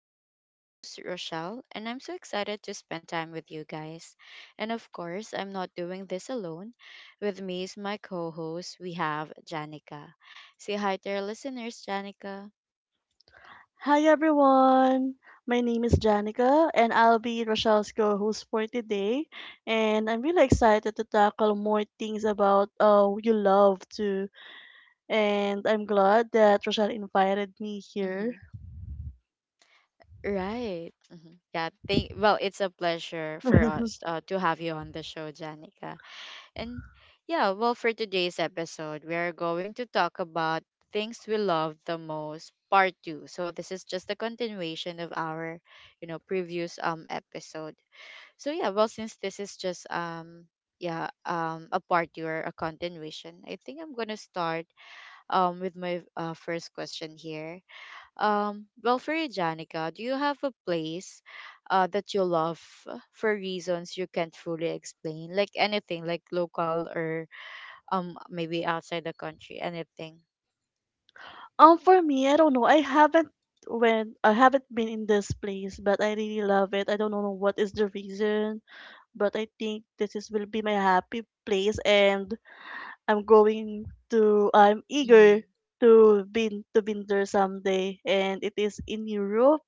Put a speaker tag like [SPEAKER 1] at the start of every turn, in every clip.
[SPEAKER 1] I'm your host, Rochelle, and I'm so excited to spend time with you guys. And of course, I'm not doing this alone. With me is my co host, we have Janica. Say hi to our listeners, Janica.
[SPEAKER 2] Hi everyone. My name is Janica and I'll be Rochelle's co-host for today. And I'm really excited to tackle more things about you love too. And I'm glad that Rochelle invited me here.
[SPEAKER 1] hmm Right. Yeah. Thank. Well, it's a pleasure for us to have you on the show, Janica. And yeah, well, for today's episode, we are going to talk about things we love the most, part two. So this is just a continuation of our, previous episode. So yeah, well, since this is just yeah a part two or a continuation, I think I'm gonna start with my first question here. Well, for you, Janica, do you have a place that you love for reasons you can't fully explain, like anything, like local or maybe outside the country, anything?
[SPEAKER 2] For me, I don't know. I haven't when I haven't been in this place, but I really love it. I don't know what is the reason, but I think this is will be my happy place, and I'm eager
[SPEAKER 1] Mm-hmm.
[SPEAKER 2] to been there someday, and it is in Europe.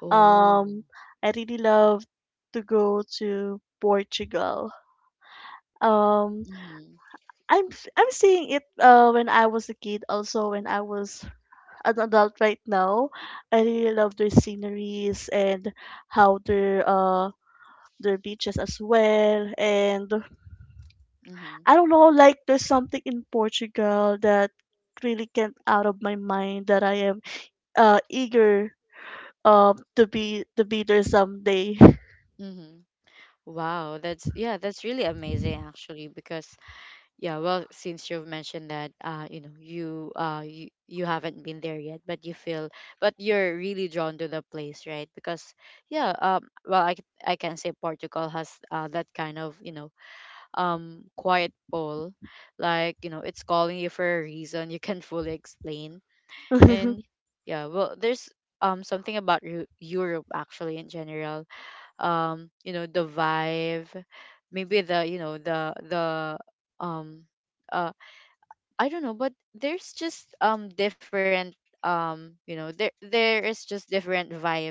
[SPEAKER 1] Oh.
[SPEAKER 2] Um I really love to go to Portugal. Um
[SPEAKER 1] Mm-hmm.
[SPEAKER 2] I'm seeing it when I was a kid, also when I was an adult right now. I really love their sceneries and how their beaches as well, and
[SPEAKER 1] Mm-hmm.
[SPEAKER 2] I don't know, like there's something in Portugal that really can't out of my mind that I am eager to be there someday.
[SPEAKER 1] Mm-hmm. Wow, that's really amazing actually because yeah, well, since you've mentioned that you haven't been there yet, but you feel but you're really drawn to the place, right? Because yeah, well, I can say Portugal has that kind of, you know, quiet pull. Like, you know, it's calling you for a reason you can't fully explain. And yeah, well, there's something about Europe actually, in general. Um, you know, the vibe, maybe the you know the the um uh i don't know, but there's just different, you know, there is just different vibe,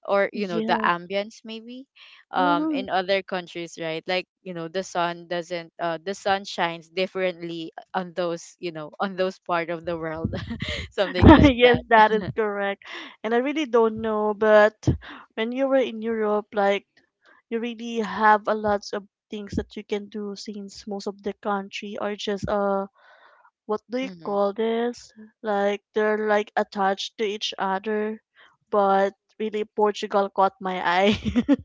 [SPEAKER 1] or you know, the
[SPEAKER 2] Yes.
[SPEAKER 1] ambience maybe,
[SPEAKER 2] Mm-hmm.
[SPEAKER 1] in other countries, right? Like, you know, the sun doesn't the sun shines differently on those, you know, on those part of the world. Something like
[SPEAKER 2] Yes,
[SPEAKER 1] that.
[SPEAKER 2] that is correct. And I really don't know, but when you were in Europe, like you really have a lots of things that you can do, since most of the country are just what do you
[SPEAKER 1] Mm-hmm.
[SPEAKER 2] call this? Like they're like attached to each other, but really Portugal caught my eye.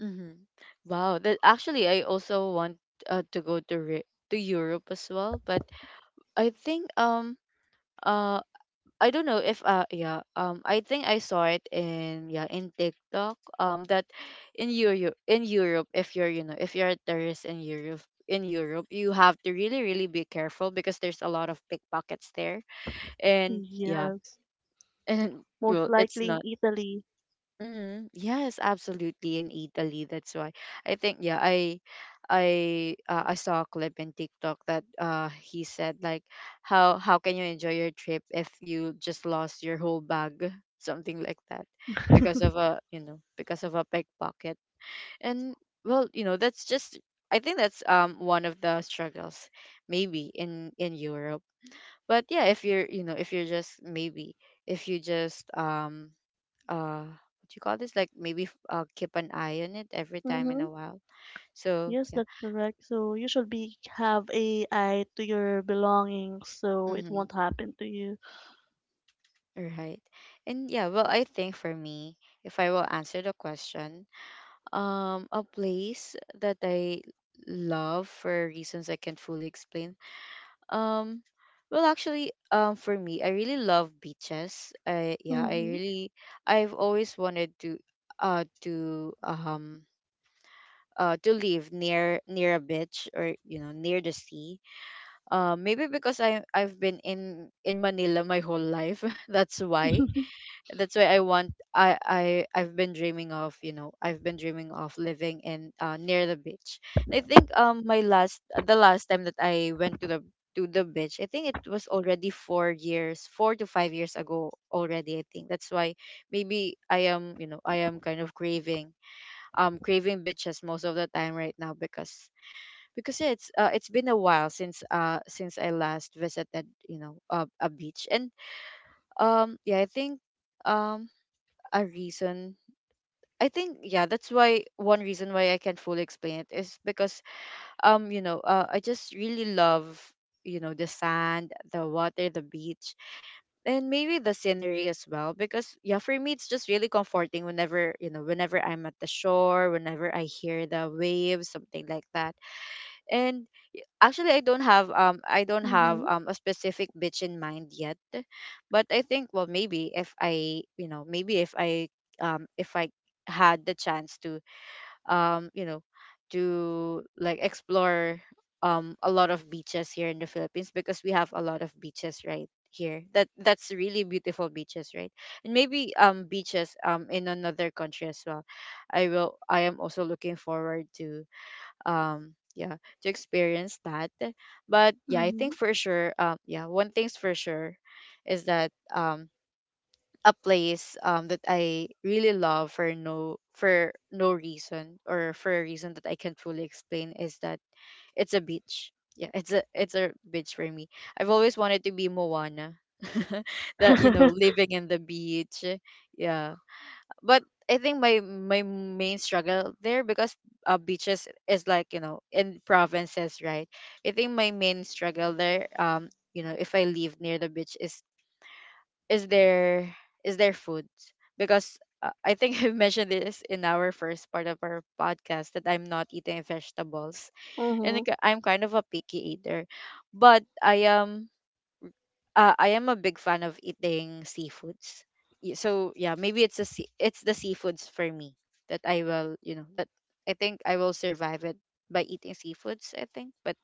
[SPEAKER 1] Mm-hmm. Wow, that actually, I also want to go to to Europe as well, but I think uh I don't know if I think I saw it in in TikTok, that in Europe, if you're, you know, if you're a tourist in Europe you have to really be careful because there's a lot of pickpockets there. And yeah.
[SPEAKER 2] Yes,
[SPEAKER 1] And
[SPEAKER 2] most
[SPEAKER 1] well, it's
[SPEAKER 2] likely in
[SPEAKER 1] not.
[SPEAKER 2] Italy.
[SPEAKER 1] Mm-hmm. Yes, absolutely. In Italy, that's why, I think, yeah, I saw a clip in TikTok that he said like, how can you enjoy your trip if you just lost your whole bag, something like that, because of a pickpocket. And well, you know, that's just, I think that's one of the struggles maybe in Europe. But yeah, if you're, you know, if you're just maybe, if you just what you call this, like maybe keep an eye on it every time in
[SPEAKER 2] Mm-hmm.
[SPEAKER 1] a while. So
[SPEAKER 2] Yes,
[SPEAKER 1] yeah.
[SPEAKER 2] that's correct. So you should be have a eye to your belongings, so it
[SPEAKER 1] Mm-hmm.
[SPEAKER 2] won't happen to you.
[SPEAKER 1] Right. And yeah, well, I think for me, if I will answer the question, a place that I love for reasons I can't fully explain, um well, actually, for me, I really love beaches. I
[SPEAKER 2] Mm-hmm.
[SPEAKER 1] really, I've always wanted to uh to um to live near a beach, or you know, near the sea. Maybe because I've been in Manila my whole life. That's why. That's why I want I I've been dreaming of, you know, I've been dreaming of living in near the beach. And I think my last the last time that I went to the beach, I think it was already 4 years, 4 to 5 years ago already, I think. That's why maybe I am, you know, I am kind of craving, craving beaches most of the time right now, because yeah, it's been a while since I last visited, you know, a beach. And yeah, I think um a reason I think yeah that's why one reason why I can't fully explain it is because, you know, I just really love, you know, the sand, the water, the beach, and maybe the scenery as well, because yeah, for me it's just really comforting whenever, you know, whenever I'm at the shore, whenever I hear the waves, something like that. And actually, I don't have I don't have
[SPEAKER 2] Mm-hmm.
[SPEAKER 1] a specific beach in mind yet. But I think, well, maybe if I, you know, maybe if I had the chance to you know, to like explore a lot of beaches here in the Philippines, because we have a lot of beaches right here, that that's really beautiful beaches, right? And maybe beaches in another country as well, I am also looking forward to yeah, to experience that. But yeah, I
[SPEAKER 2] Mm-hmm.
[SPEAKER 1] think for sure, yeah, one thing's for sure is that, a place that I really love for no, for no reason, or for a reason that I can't fully explain, is that it's a beach. Yeah, it's a, it's a beach for me. I've always wanted to be Moana. That, you know, living in the beach. Yeah. But I think my, my main struggle there, because beaches is like, you know, in provinces, right? I think my main struggle there, you know, if I live near the beach, is is there, is there food? Because I think I mentioned this in our first part of our podcast that I'm not eating vegetables, and
[SPEAKER 2] Mm-hmm.
[SPEAKER 1] like, I'm kind of a picky eater, but I am a big fan of eating seafoods. So yeah, maybe it's a it's the seafoods for me that I will you know that I think I will survive it by eating seafoods, I think. But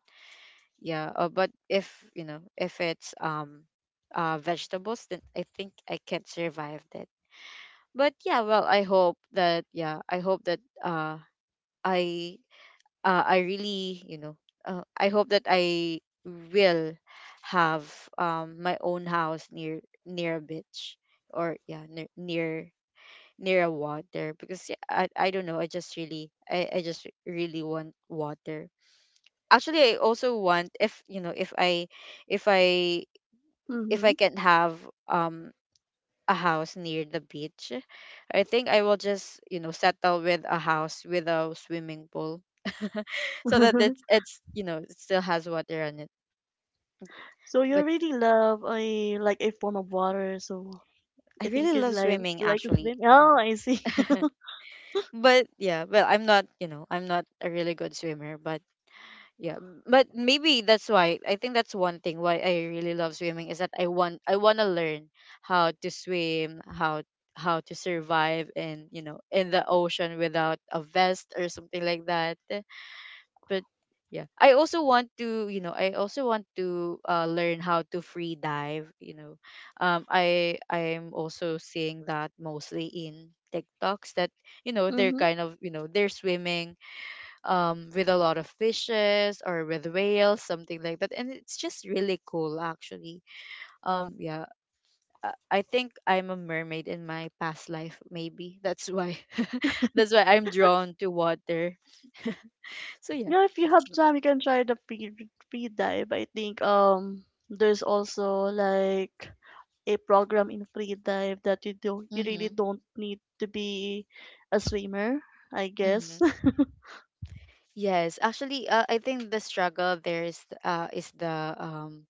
[SPEAKER 1] yeah, but if, you know, if it's vegetables, then I think I can't survive that. But yeah, well, I hope that, yeah, I hope that I I really, you know, I hope that I will have my own house near a beach, or yeah, near a water. Because yeah, I don't know, I just really, I just really want water. Actually, I also want, if, you know, if I if I
[SPEAKER 2] Mm-hmm.
[SPEAKER 1] can have um a house near the beach, I think I will just, you know, settle with a house with a swimming pool. So that it's, you know, it still has water on it.
[SPEAKER 2] So you
[SPEAKER 1] But
[SPEAKER 2] really love a like a form of water, so
[SPEAKER 1] I
[SPEAKER 2] I think
[SPEAKER 1] really
[SPEAKER 2] you
[SPEAKER 1] love
[SPEAKER 2] like
[SPEAKER 1] swimming
[SPEAKER 2] you like to
[SPEAKER 1] actually.
[SPEAKER 2] swim. Oh,
[SPEAKER 1] Mhm.
[SPEAKER 2] I see.
[SPEAKER 1] But yeah, well, I'm not, you know, I'm not a really good swimmer. But yeah, but maybe that's why, I think that's one thing why I really love swimming, is that I want to learn how to swim, how to survive in, you know, in the ocean without a vest or something like that. But yeah, I also want to, you know, I also want to learn how to free dive. You know, I'm also seeing that mostly in TikToks that, you know, they're
[SPEAKER 2] Mm-hmm.
[SPEAKER 1] kind of, you know, they're swimming with a lot of fishes or with whales, something like that. And it's just really cool, actually. Yeah, I think I'm a mermaid in my past life, maybe. That's why, that's why I'm drawn to water. So yeah.
[SPEAKER 2] Yeah, if you have time, you can try the free dive. I think there's also like a program in free dive that you really
[SPEAKER 1] Mm-hmm.
[SPEAKER 2] don't need to be a swimmer, I
[SPEAKER 1] Mm-hmm.
[SPEAKER 2] guess.
[SPEAKER 1] Yes, actually, I think the struggle there is um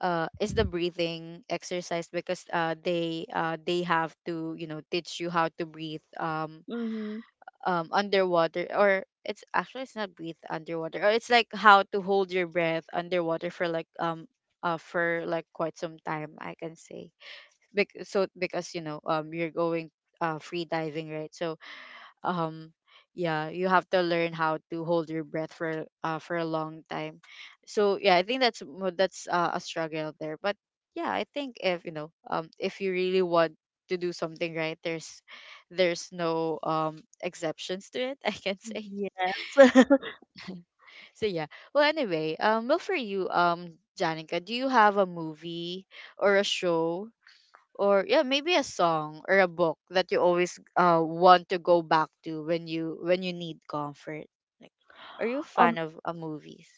[SPEAKER 1] is the breathing exercise, because they have to, you know, teach you how to breathe,
[SPEAKER 2] Mm-hmm.
[SPEAKER 1] underwater, or it's actually it's not breathe underwater, or it's like how to hold your breath underwater for like quite some time, I can say. Bec so because, you know, you're going free diving, right? So um yeah, you have to learn how to hold your breath for a long time. So yeah, I think that's a struggle there. But yeah, I think if, you know, if you really want to do something, right, there's no exceptions to it, I can say.
[SPEAKER 2] Yes.
[SPEAKER 1] So yeah. Well anyway, well, for you, Janica, do you have a movie or a show, or yeah, maybe a song or a book that you always want to go back to when you need comfort, like, are you a fan
[SPEAKER 2] Um,
[SPEAKER 1] of movies?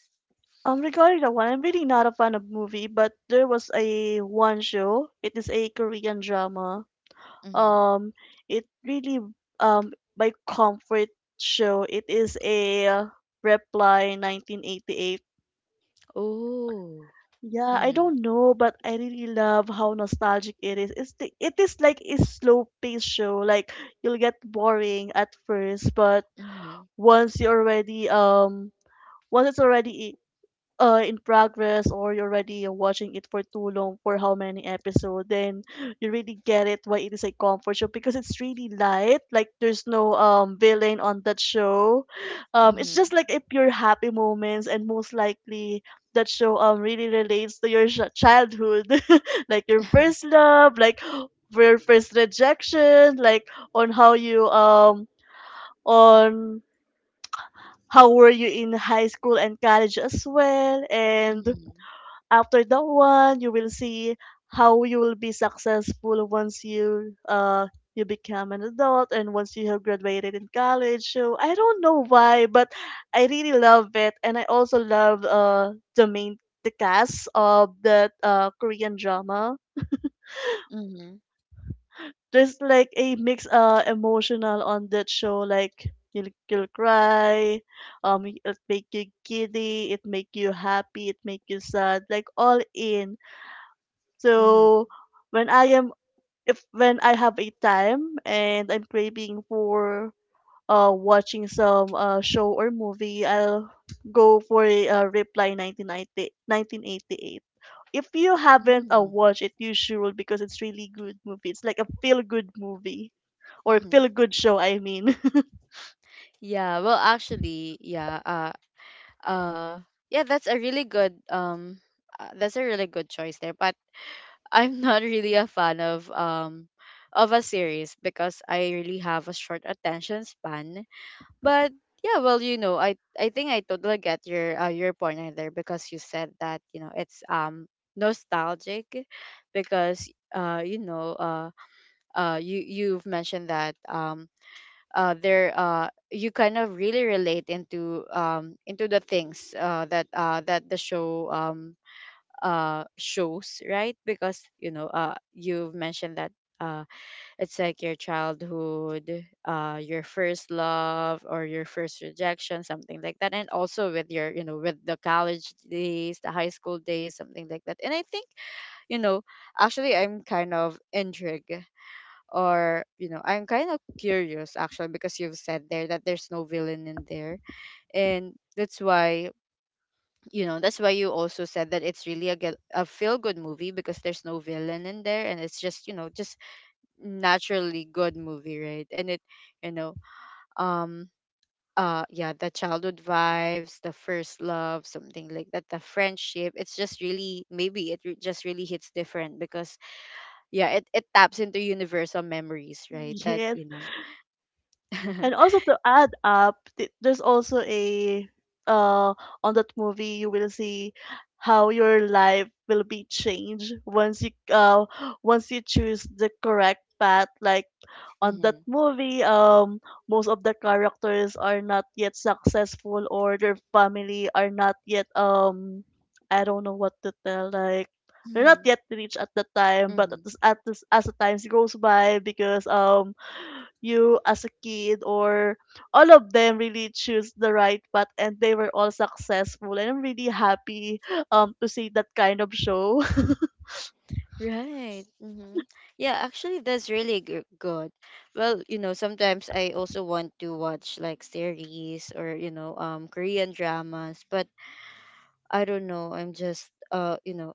[SPEAKER 2] Regarding that one, I'm really not a fan of movie, but there was a one show. It is a Korean drama,
[SPEAKER 1] Mm-hmm.
[SPEAKER 2] um it really, um by comfort show, it is a Reply 1988.
[SPEAKER 1] Oh.
[SPEAKER 2] Yeah, I
[SPEAKER 1] mm-hmm.
[SPEAKER 2] don't know, but I really love how nostalgic it is. It is like a slow paced show, like you'll get boring at first, but
[SPEAKER 1] Mm-hmm.
[SPEAKER 2] once you already um once it's already in progress or you're already watching it for too long for how many episodes, then you really get it why it is a comfort show, because it's really light. Like there's no villain on that show. It's
[SPEAKER 1] Mm-hmm.
[SPEAKER 2] just like a pure happy moments, and most likely that show really relates to your childhood, like your first love, like for your first rejection, like on how you um on how were you in high school and college as well. And
[SPEAKER 1] Mm-hmm.
[SPEAKER 2] after that one you will see how you will be successful once you become an adult and once you have graduated in college. So I don't know why, but I really love it, and I also love the cast of that Korean drama.
[SPEAKER 1] Mm-hmm.
[SPEAKER 2] There's like a mix emotional on that show, like you'll cry. It make you giddy, it make you happy, it make you sad, like all in.
[SPEAKER 1] Mm-hmm.
[SPEAKER 2] So when I am if when I have a time and I'm craving for watching some show or movie, I'll go for a Reply 1988. If you haven't
[SPEAKER 1] Mm-hmm.
[SPEAKER 2] watched it, you should, because it's really good movie. It's like a feel good movie, or
[SPEAKER 1] Mm-hmm.
[SPEAKER 2] feel good show, I mean.
[SPEAKER 1] Yeah, well, actually, uh yeah, that's a really good that's a really good choice there, but. I'm not really a fan of a series, because I really have a short attention span. But yeah, well, I think I totally get your point right there because you said that it's nostalgic because uh you know uh you you've mentioned that there you kind of really relate into the things that the show shows, right? Because you've mentioned that uh it's like your childhood, your first love or your first rejection, something like that, and also with your, with the college days, the high school days, something like that. And I think, you know actually I'm kind of intrigued, or I'm kind of curious actually, because you've said there that there's no villain in there. And that's why, that's why you also said that it's really a, get, a feel good movie because there's no villain in there. And it's just, just naturally good movie, right? And it, you know um yeah, the childhood vibes, the first love, something like that, the friendship. It's just really, maybe it re- just really hits different because yeah, it taps into universal memories, right that
[SPEAKER 2] Yes.
[SPEAKER 1] you know
[SPEAKER 2] And also to add up, there's also a, uh on that movie you will see how your life will be changed once you choose the correct path. Like on that
[SPEAKER 1] Hmm.
[SPEAKER 2] movie, most of the characters are not yet successful, or their family are not yet, I don't know what to tell, like they're not
[SPEAKER 1] Hmm.
[SPEAKER 2] yet rich at the time. But at
[SPEAKER 1] Hmm.
[SPEAKER 2] this, as the times goes by, because you as a kid, or all of them really choose the right path, and they were all successful, and I'm really happy to see that kind of show.
[SPEAKER 1] Right. Mm-hmm. Yeah, actually, that's really g- good. Well, sometimes I also want to watch like series, or Korean dramas, but I don't know. I'm just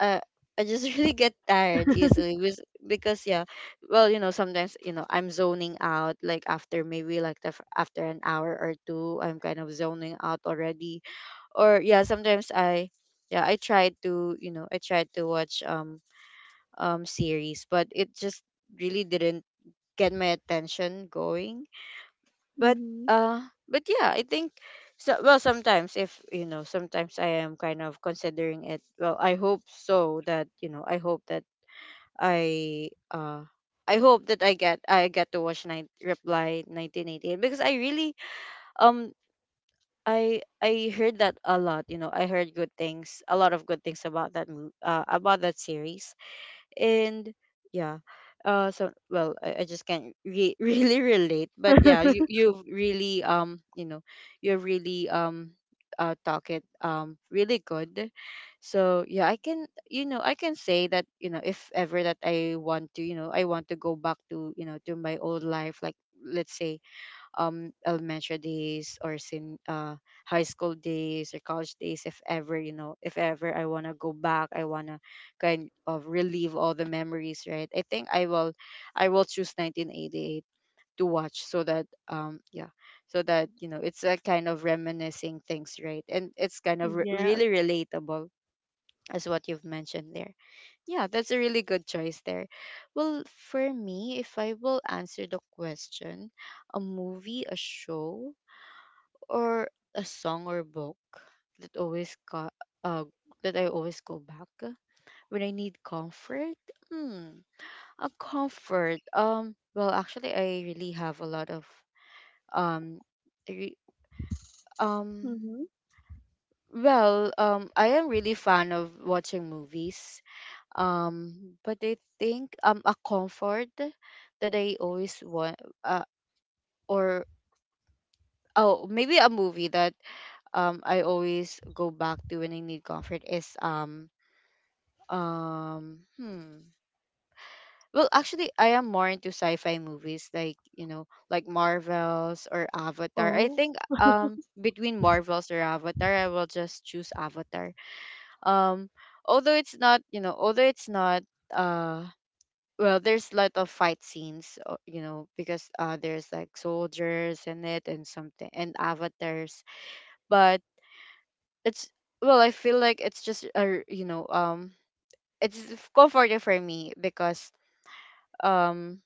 [SPEAKER 1] uh, I just really get tired easily with because yeah, well, sometimes I'm zoning out like after maybe like the, f- after an hour or two. I'm kind of zoning out already. Or yeah, sometimes I. Yeah, I try to, I try to watch series, but it just really didn't get my attention going. But
[SPEAKER 2] Hmm.
[SPEAKER 1] but yeah, I think so. Well, sometimes if sometimes I am kind of considering it. Well, I hope so that, I hope that I uh I hope that I get to watch nine Reply 1988 because I really um I heard that a lot. I heard good things, a lot of good things about that mo- about that series. And yeah, so well I just can't re- really relate, but yeah you've really you're really talk it really good. So yeah I can, I can say that, if ever that I want to, I want to go back to, to my old life, like, let's say elementary days or sin high school days or college days. If ever, if ever I want to go back, I want to kind of relive all the memories, right? I think I will choose 1988 to watch so that yeah, so that it's a kind of reminiscing things, right? And it's kind of re- really
[SPEAKER 2] Yes.
[SPEAKER 1] relatable, as what you've mentioned there. Yeah, that's a really good choice there. Well, for me, if I will answer the question, a movie, a show, or a song or book, that always co- uh, that I always go back when I need comfort. Hmm, a comfort. Well, actually, I really have a lot of um, re- um.
[SPEAKER 2] Mm-hmm.
[SPEAKER 1] Well, I am really fan of watching movies. But I think a comfort that I always want or oh maybe a movie that I always go back to when I need comfort is um, hmm. Well, actually, I am more into sci-fi movies, like like Marvels or Avatar. I
[SPEAKER 2] Oh,
[SPEAKER 1] think between Marvels or Avatar, I will just choose Avatar. Um, although it's not, although it's not uh well, there's a lot of fight scenes, because there's like soldiers in it and something and avatars, but it's, well, I feel like it's just a r- it's comforting for me because um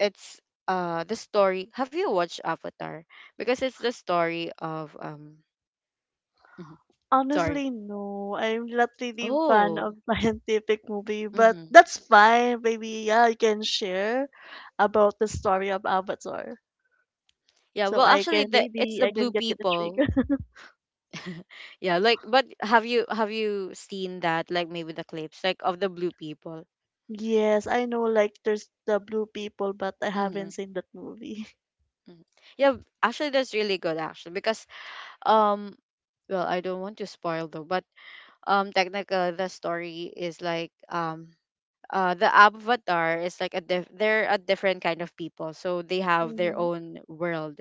[SPEAKER 1] it's the story. Have you watched Avatar? Because it's the story of mhm, sorry.
[SPEAKER 2] honestly, no. I'm not really fan
[SPEAKER 1] Oh.
[SPEAKER 2] of scientific movie, but
[SPEAKER 1] Mm-hmm.
[SPEAKER 2] that's fine. Maybe yeah, I can share about the story of Avatar,
[SPEAKER 1] Yeah,
[SPEAKER 2] so
[SPEAKER 1] well,
[SPEAKER 2] I
[SPEAKER 1] actually
[SPEAKER 2] can
[SPEAKER 1] the it's
[SPEAKER 2] maybe
[SPEAKER 1] the
[SPEAKER 2] I
[SPEAKER 1] blue
[SPEAKER 2] can get a
[SPEAKER 1] people.
[SPEAKER 2] trigger.
[SPEAKER 1] Yeah, like, but have you seen that, like maybe the clips like of the blue people?
[SPEAKER 2] Yes, I know, like there's the Blue People, but I
[SPEAKER 1] Mm-hmm.
[SPEAKER 2] haven't seen that movie.
[SPEAKER 1] Yeah, actually that's really good actually because um well, I don't want to spoil though, but technically the story is like the avatar is like a diff- they're a different kind of people, so they have their
[SPEAKER 2] Mhm.
[SPEAKER 1] own world.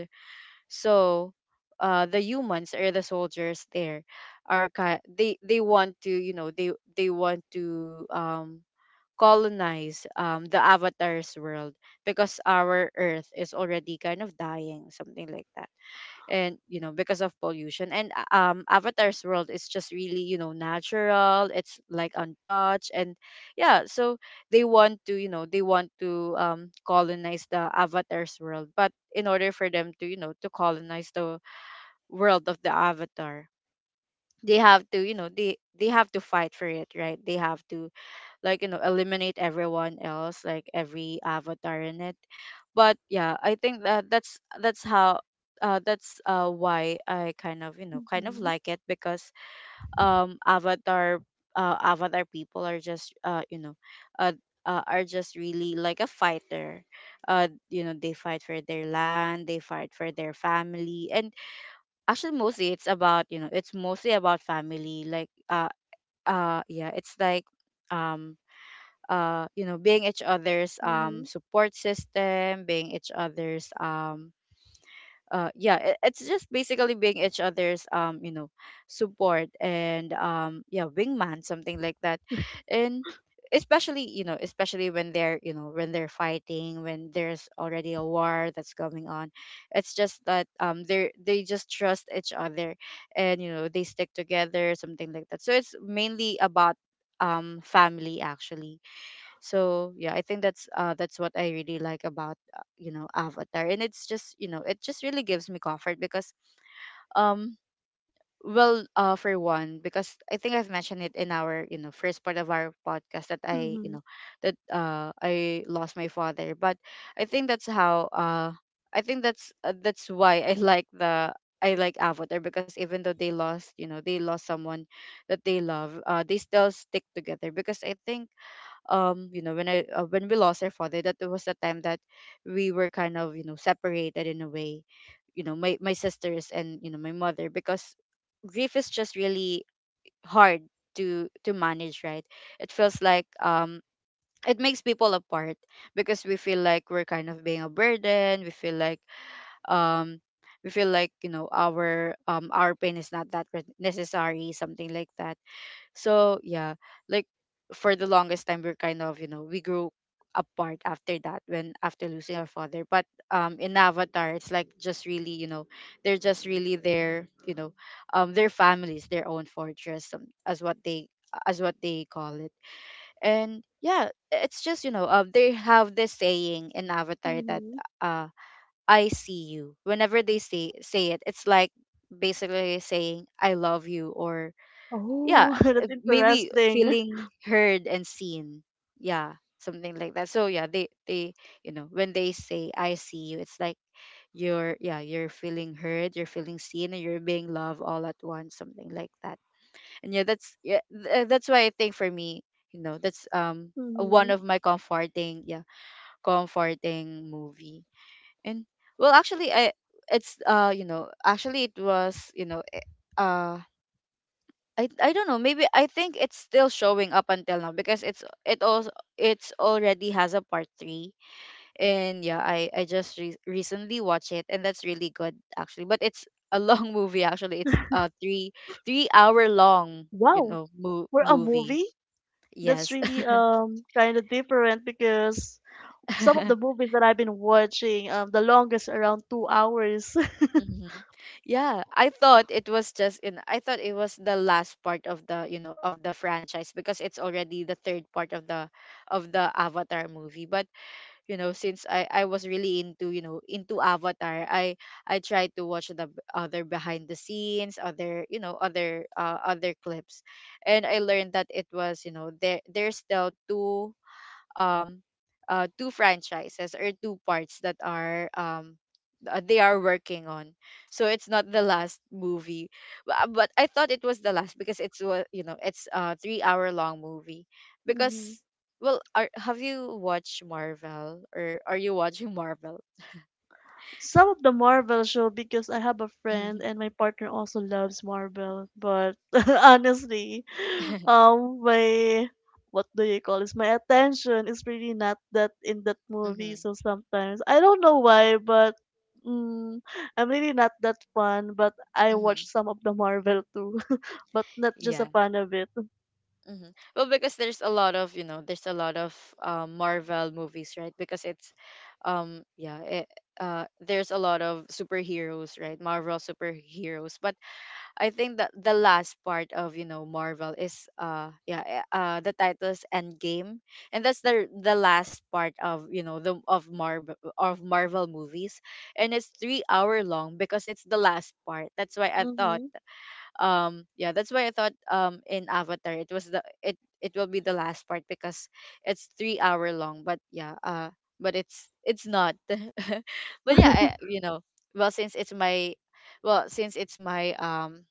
[SPEAKER 1] So the humans or the soldiers there are ki- they want to, they want to colonize the avatar's world because our earth is already kind of dying, something like that. And because of pollution and avatar's world is just really, natural, it's like untouched. And yeah, so they want to, they want to colonize the avatar's world. But in order for them to, to colonize the world of the avatar, they have to, they have to fight for it, right? They have to, like, eliminate everyone else, like every avatar in it. But yeah, I think that's that's how that's why I kind of, kind of
[SPEAKER 2] Mhm.
[SPEAKER 1] like it because avatar, avatar people are just uh, are just really like a fighter, they fight for their land, they fight for their family. And actually mostly it's about, it's mostly about family, like yeah, it's like um being each other's
[SPEAKER 2] Mhm.
[SPEAKER 1] support system, being each other's yeah, it, it's just basically being each other's support, and yeah, wingman, something like that, and especially, especially when they're, when they're fighting, when there's already a war that's going on, it's just that they just trust each other, and they stick together, something like that. So it's mainly about family actually. So yeah, I think that's what I really like about, avatar. And it's just, it just really gives me comfort because um well, for one, because I think I've mentioned it in our, first part of our podcast, that I
[SPEAKER 2] Mhm.
[SPEAKER 1] you know that I lost my father. But I think that's how I think that's why I like the, I like avatar because even though they lost, they lost someone that they love, they still stick together because I think when I when we lost our father, that was the time that we were kind of, separated in a way, my sisters and, my mother, because grief is just really hard to manage, right? It feels like it makes people apart because we feel like we're kind of being a burden. We feel like um we feel like, our pain is not that re- necessary, something like that. So yeah, like for the longest time we're kind of, we grew apart after that, when after losing our father. But in Avatar it's like just really, they're just really their, their families, their own fortress, as what they call it. And yeah, it's just, they have this saying in Avatar that
[SPEAKER 2] Mhm.
[SPEAKER 1] uh I see you. Whenever they say it, it's like basically saying I love you, or yeah,
[SPEAKER 2] Oh, that's
[SPEAKER 1] maybe
[SPEAKER 2] interesting.
[SPEAKER 1] feeling heard and seen, yeah, something like that. So yeah, they when they say I see you, it's like you're, yeah, you're feeling heard, you're feeling seen, and you're being loved all at once, something like that. And yeah, that's yeah th- that's why I think for me, that's one
[SPEAKER 2] Mhm.
[SPEAKER 1] of my comforting, yeah, comforting movie. And well, actually I it's actually it was, uh I don't know. Maybe I think it's still showing up until now because it's, it also, it's already has a part 3. And yeah, I just re- recently watched it, and that's really good actually. But it's a long movie actually. It's a three hour long,
[SPEAKER 2] Wow,
[SPEAKER 1] mo-
[SPEAKER 2] for a
[SPEAKER 1] movie.
[SPEAKER 2] movie, that's
[SPEAKER 1] Yes.
[SPEAKER 2] really kind of different, because some of the movies that I've been watching, the longest around 2 hours.
[SPEAKER 1] Hmm. Yeah, I thought it was just in I thought it was the last part of the, of the franchise because it's already the third part of the Avatar movie. But you know since I was really into into avatar I tried to watch the b- other behind the scenes other you know other other clips. And I learned that it was, there's still um two franchises or two parts that are they are working on, so it's not the last movie. But I thought it was the last because it's wa- you know it's a 3-hour long movie
[SPEAKER 2] Mhm.
[SPEAKER 1] because, well, have you watched marvel or are you watching marvel?
[SPEAKER 2] Some of the Marvel show, because I have a friend
[SPEAKER 1] mm.
[SPEAKER 2] and my partner also loves Marvel. But honestly, my what do you call this? My attention is really not that in that
[SPEAKER 1] Mm-hmm.
[SPEAKER 2] movie. So sometimes I don't know why, but mm, I'm really not that fan. But I
[SPEAKER 1] Mm-hmm.
[SPEAKER 2] watch some of the Marvel too, but not just a
[SPEAKER 1] Yeah.
[SPEAKER 2] fan of it.
[SPEAKER 1] Hmm. Well, because there's a lot of, Marvel movies, right? Because yeah, there's a lot of superheroes, right? Marvel superheroes. But I think that the last part of, Marvel is, yeah, the title's Endgame, and that's the last part of, you know the of Marvel movies, and it's 3 hour long because it's the last part. That's why I thought.
[SPEAKER 2] Mm-hmm.
[SPEAKER 1] Yeah that's why I thought, in avatar it was the it it will be the last part because it's 3 hour long. But yeah. But it's not. but yeah. I, you know well since it's my well since it's my, um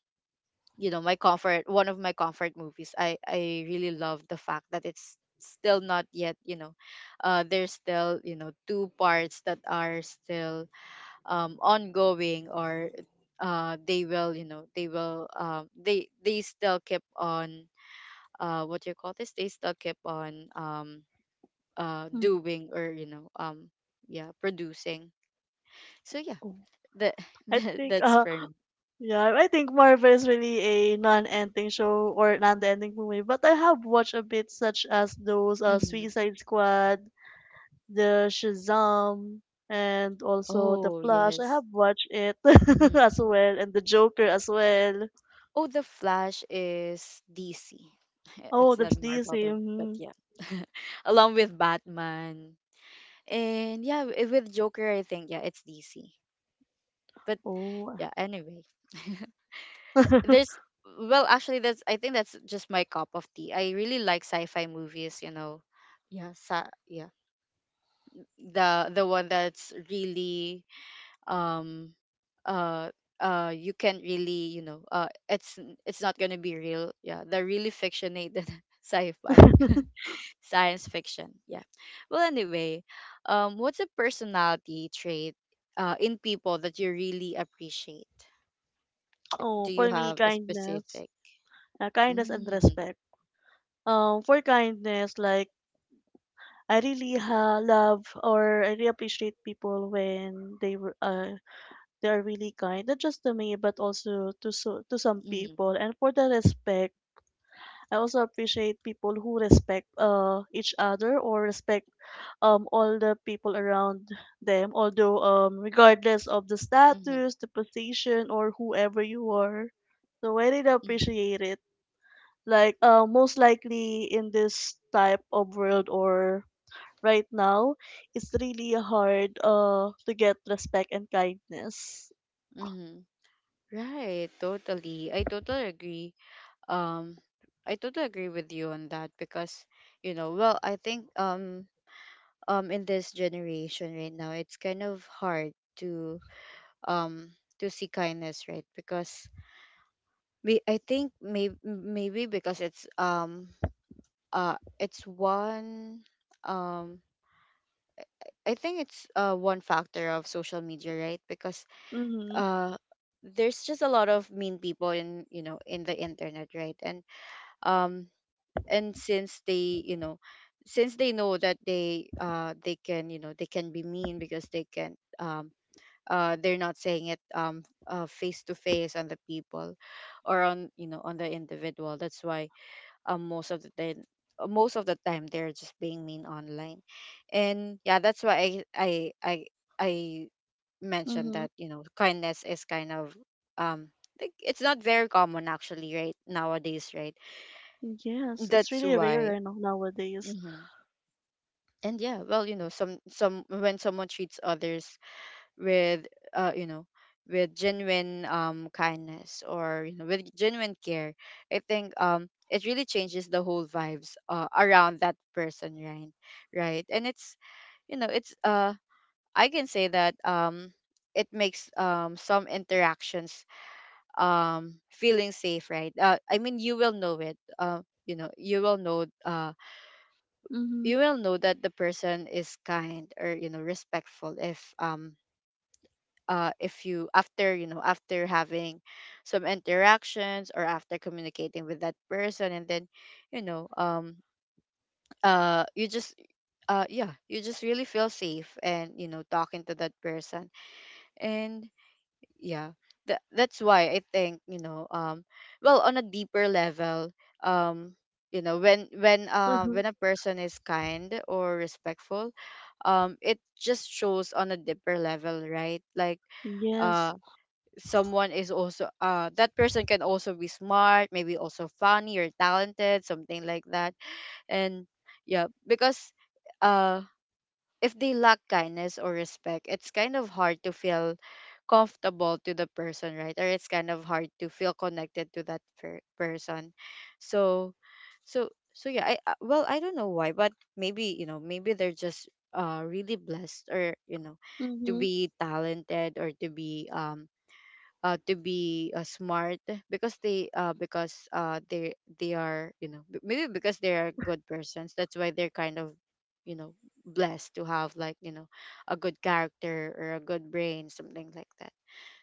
[SPEAKER 1] you know my comfort one of my comfort movies, I really love the fact that it's still not yet, there's still, two parts that are, still ongoing, or they will, they will, they still keep on, what you call this, they still keep on,
[SPEAKER 2] Mm.
[SPEAKER 1] doing or, yeah, producing. So yeah,
[SPEAKER 2] Oh,
[SPEAKER 1] that,
[SPEAKER 2] I
[SPEAKER 1] that,
[SPEAKER 2] think
[SPEAKER 1] that's for me.
[SPEAKER 2] yeah, I think Marvel is really a non-ending show or non-ending movie, but I have watched a bit, such as those
[SPEAKER 1] Hmm.
[SPEAKER 2] Suicide Squad, the Shazam, and also the
[SPEAKER 1] Oh,
[SPEAKER 2] Flash. I
[SPEAKER 1] yes.
[SPEAKER 2] have watched it
[SPEAKER 1] Hmm.
[SPEAKER 2] as well, and the Joker as well.
[SPEAKER 1] Oh, the flash is DC.
[SPEAKER 2] Oh,
[SPEAKER 1] it's
[SPEAKER 2] that's
[SPEAKER 1] not marvel
[SPEAKER 2] DC.
[SPEAKER 1] though, but
[SPEAKER 2] Mhm.
[SPEAKER 1] yeah. along with batman, and yeah, with joker, I think, yeah, it's DC. But
[SPEAKER 2] Oh,
[SPEAKER 1] yeah, anyway, there's, well actually, that's, I think that's just my cup of tea. I really like sci-fi movies, you know. Yeah, yeah, the one that's really, um uh you can really, it's not gonna be real, yeah, the really fictionated sci-fi, science fiction, yeah. Well anyway, what's a personality trait, in people that you really appreciate?
[SPEAKER 2] oh,
[SPEAKER 1] Do you
[SPEAKER 2] for me,
[SPEAKER 1] have a
[SPEAKER 2] kindness,
[SPEAKER 1] specific—
[SPEAKER 2] kindness and
[SPEAKER 1] Mm.
[SPEAKER 2] respect. For kindness, like I really love, or I really appreciate people when they are really kind, not just to me, but also to to some
[SPEAKER 1] Mhm.
[SPEAKER 2] people. And for the respect, I also appreciate people who respect each other, or respect all the people around them. Although regardless of the status,
[SPEAKER 1] Mhm.
[SPEAKER 2] the position, or whoever you are, so I really
[SPEAKER 1] Mhm.
[SPEAKER 2] appreciate it. Like most likely in this type of world, or right now, it's really hard to get respect and kindness.
[SPEAKER 1] Mhm. Right, totally. I totally agree. Um, I totally agree with you on that because, you know, well, I think, in this generation right now, it's kind of hard to, um to see kindness, right? Because we, I think, maybe, because it's, it's one, um I think it's, one factor of social media, right? Because,
[SPEAKER 2] Mm-hmm.
[SPEAKER 1] uh there's just a lot of mean people in, in the internet, right? And, um since they, since they know that they can, they can be mean because they can, they're not saying it, face to face on the people, or on, on the individual. That's why, most of the time, they're just being mean online. And yeah, that's why I mentioned
[SPEAKER 2] Mm-hmm.
[SPEAKER 1] that, kindness is kind of, um like, it's not very common actually, right, nowadays, right?
[SPEAKER 2] Yes, it's
[SPEAKER 1] That's
[SPEAKER 2] really rare,
[SPEAKER 1] why.
[SPEAKER 2] nowadays.
[SPEAKER 1] Hmm. And yeah, well, you know, some, when someone treats others with, uh you know with genuine, kindness, or, with genuine care, I think, it really changes the whole vibes, around that person, right? Right. And it's, you know it's uh I can say that, it makes, some interactions, feeling safe, right? I mean, you will know it, you will know,
[SPEAKER 2] Mm-hmm.
[SPEAKER 1] you will know that the person is kind, or, respectful, if, if you, after you know after having some interactions, or after communicating with that person, and then, you know um you just, yeah, you just really feel safe and, talking to that person. And yeah, that's why I think, well, on a deeper level, um you know, when,
[SPEAKER 2] Mm-hmm.
[SPEAKER 1] when a person is kind or respectful, it just shows on a deeper level, right? Like, uh
[SPEAKER 2] Yes.
[SPEAKER 1] someone is also, that person can also be smart, maybe also funny or talented, something like that. And yeah, because, uh if they lack kindness or respect, it's kind of hard to feel comfortable to the person, right? Or it's kind of hard to feel connected to that person. So, yeah. Well, I don't know why, but maybe, you know, maybe they're just, really blessed, or, you know, to
[SPEAKER 2] Mm-hmm.
[SPEAKER 1] be talented, or to be, to be, smart, because they are, you know, maybe because they are good persons, that's why they're kind of, you know blessed to have, like, you know, a good character or a good brain, something like that.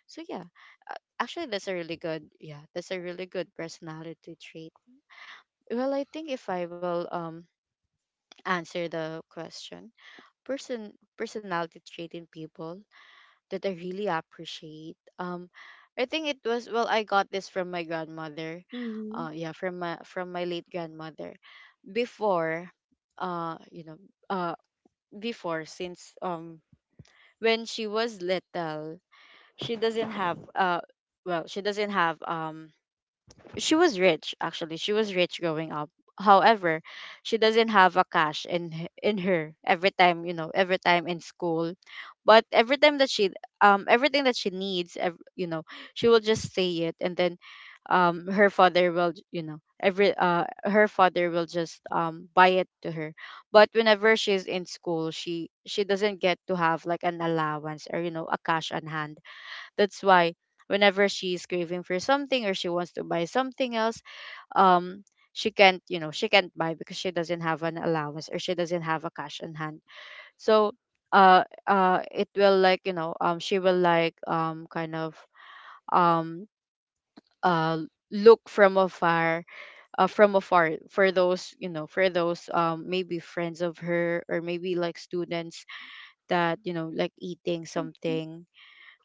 [SPEAKER 1] So yeah, actually that's a really good, yeah, that's a really good personality trait. Well, I think if I will, answer the question. person Personality trait in people that I really appreciate. I think it was, well, I got this from my grandmother.
[SPEAKER 2] Mm-hmm.
[SPEAKER 1] Yeah, from my late grandmother. Before, uh, you know, uh, before, since when she was little, she doesn't have, well, she doesn't have, she was rich, actually, she was rich growing up. However, she doesn't have a cash in, in her every time, you know, every time in school. But every time that she, everything that she needs, she will just say it, and then, her father will just, buy it to her. But whenever she's in school, she doesn't get to have like an allowance or, you know, a cash on hand. That's why whenever she's craving for something, or she wants to buy something else, um, she can't, you know, she can't buy, because she doesn't have an allowance or she doesn't have a cash on hand. So, it will, like, you know, she will, like, kind of, um uh look from afar, from afar, for those, you know, for those, maybe friends of her, or maybe, like, students that, you know, like, eating
[SPEAKER 2] Mm-hmm.
[SPEAKER 1] something,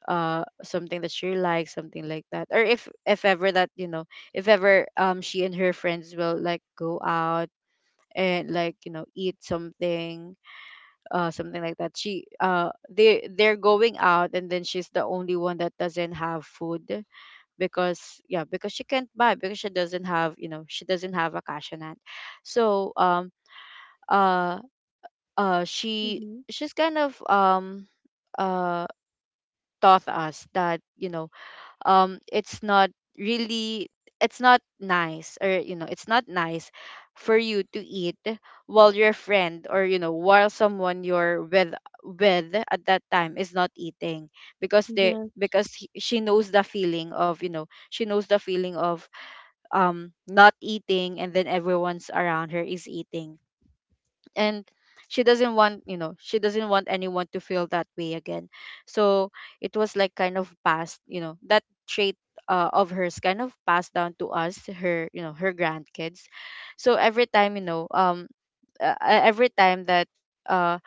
[SPEAKER 1] something that she likes, something like that. Or if, ever that, you know, if ever, she and her friends will, like, go out and, like, you know, eat something, something like that. She They, they're going out, and then she's the only one that doesn't have food, because yeah, because she can't buy, because she doesn't have, she doesn't have a cash on hand. So, uh she,
[SPEAKER 2] Mm-hmm.
[SPEAKER 1] she's kind of, uh taught us that, you know, it's not really, it's not nice, or, you know, it's not nice for you to eat while your friend, or, you know, while someone you're with, at that time is not eating, because
[SPEAKER 2] Yes.
[SPEAKER 1] she knows the feeling of, she knows the feeling of, not eating and then everyone's around her is eating. And she doesn't want, she doesn't want anyone to feel that way again. So it was, like, kind of passed, you know, that trait, of hers, kind of passed down to us, her, you know, her grandkids. So every time, every time that, uh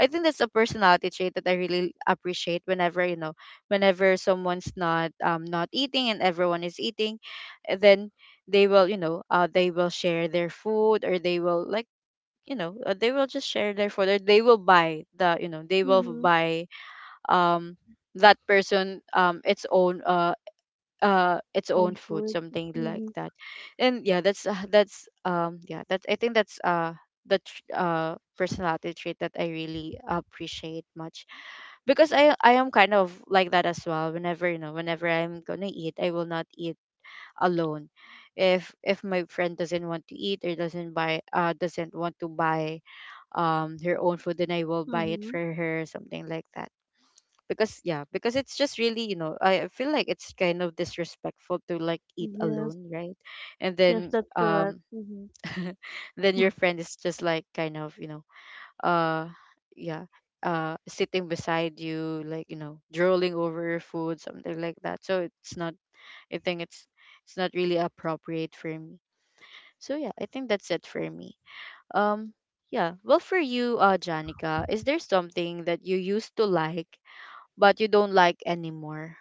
[SPEAKER 1] I think that's a personality trait that I really appreciate, whenever, you know, whenever someone's not, not eating, and everyone is eating, then they will, you know, they will share their food, or they will, like, you know, they will just share their photo, they will buy the, you know, they will
[SPEAKER 2] Mm-hmm.
[SPEAKER 1] buy, um that person, its own, its own
[SPEAKER 2] And
[SPEAKER 1] food,
[SPEAKER 2] food.
[SPEAKER 1] something like
[SPEAKER 2] Mm-hmm.
[SPEAKER 1] that. And yeah, that's, that's, yeah, that's, I think that's, the personality trait that I really appreciate much. Because I am kind of like that as well. Whenever, you know, whenever I'm gonna eat, I will not eat alone. If, my friend doesn't want to eat, or doesn't buy, doesn't want to buy, her own food, then I will buy it
[SPEAKER 2] Mm-hmm.
[SPEAKER 1] for her, something like that. Because yeah, because it's just really, you know, I feel like it's kind of disrespectful to, like, eat
[SPEAKER 2] Yes.
[SPEAKER 1] alone, right? And
[SPEAKER 2] Yes,
[SPEAKER 1] then,
[SPEAKER 2] that's correct. Mm-hmm.
[SPEAKER 1] then your friend is just, like, kind of, you know, uh yeah, sitting beside you, like, you know, drooling over your food, something like that. So it's not, I think it's not really appropriate for me. So yeah, I think that's it for me. um, yeah. Well, for you, Janica, is there something that you used to like but you don't like anymore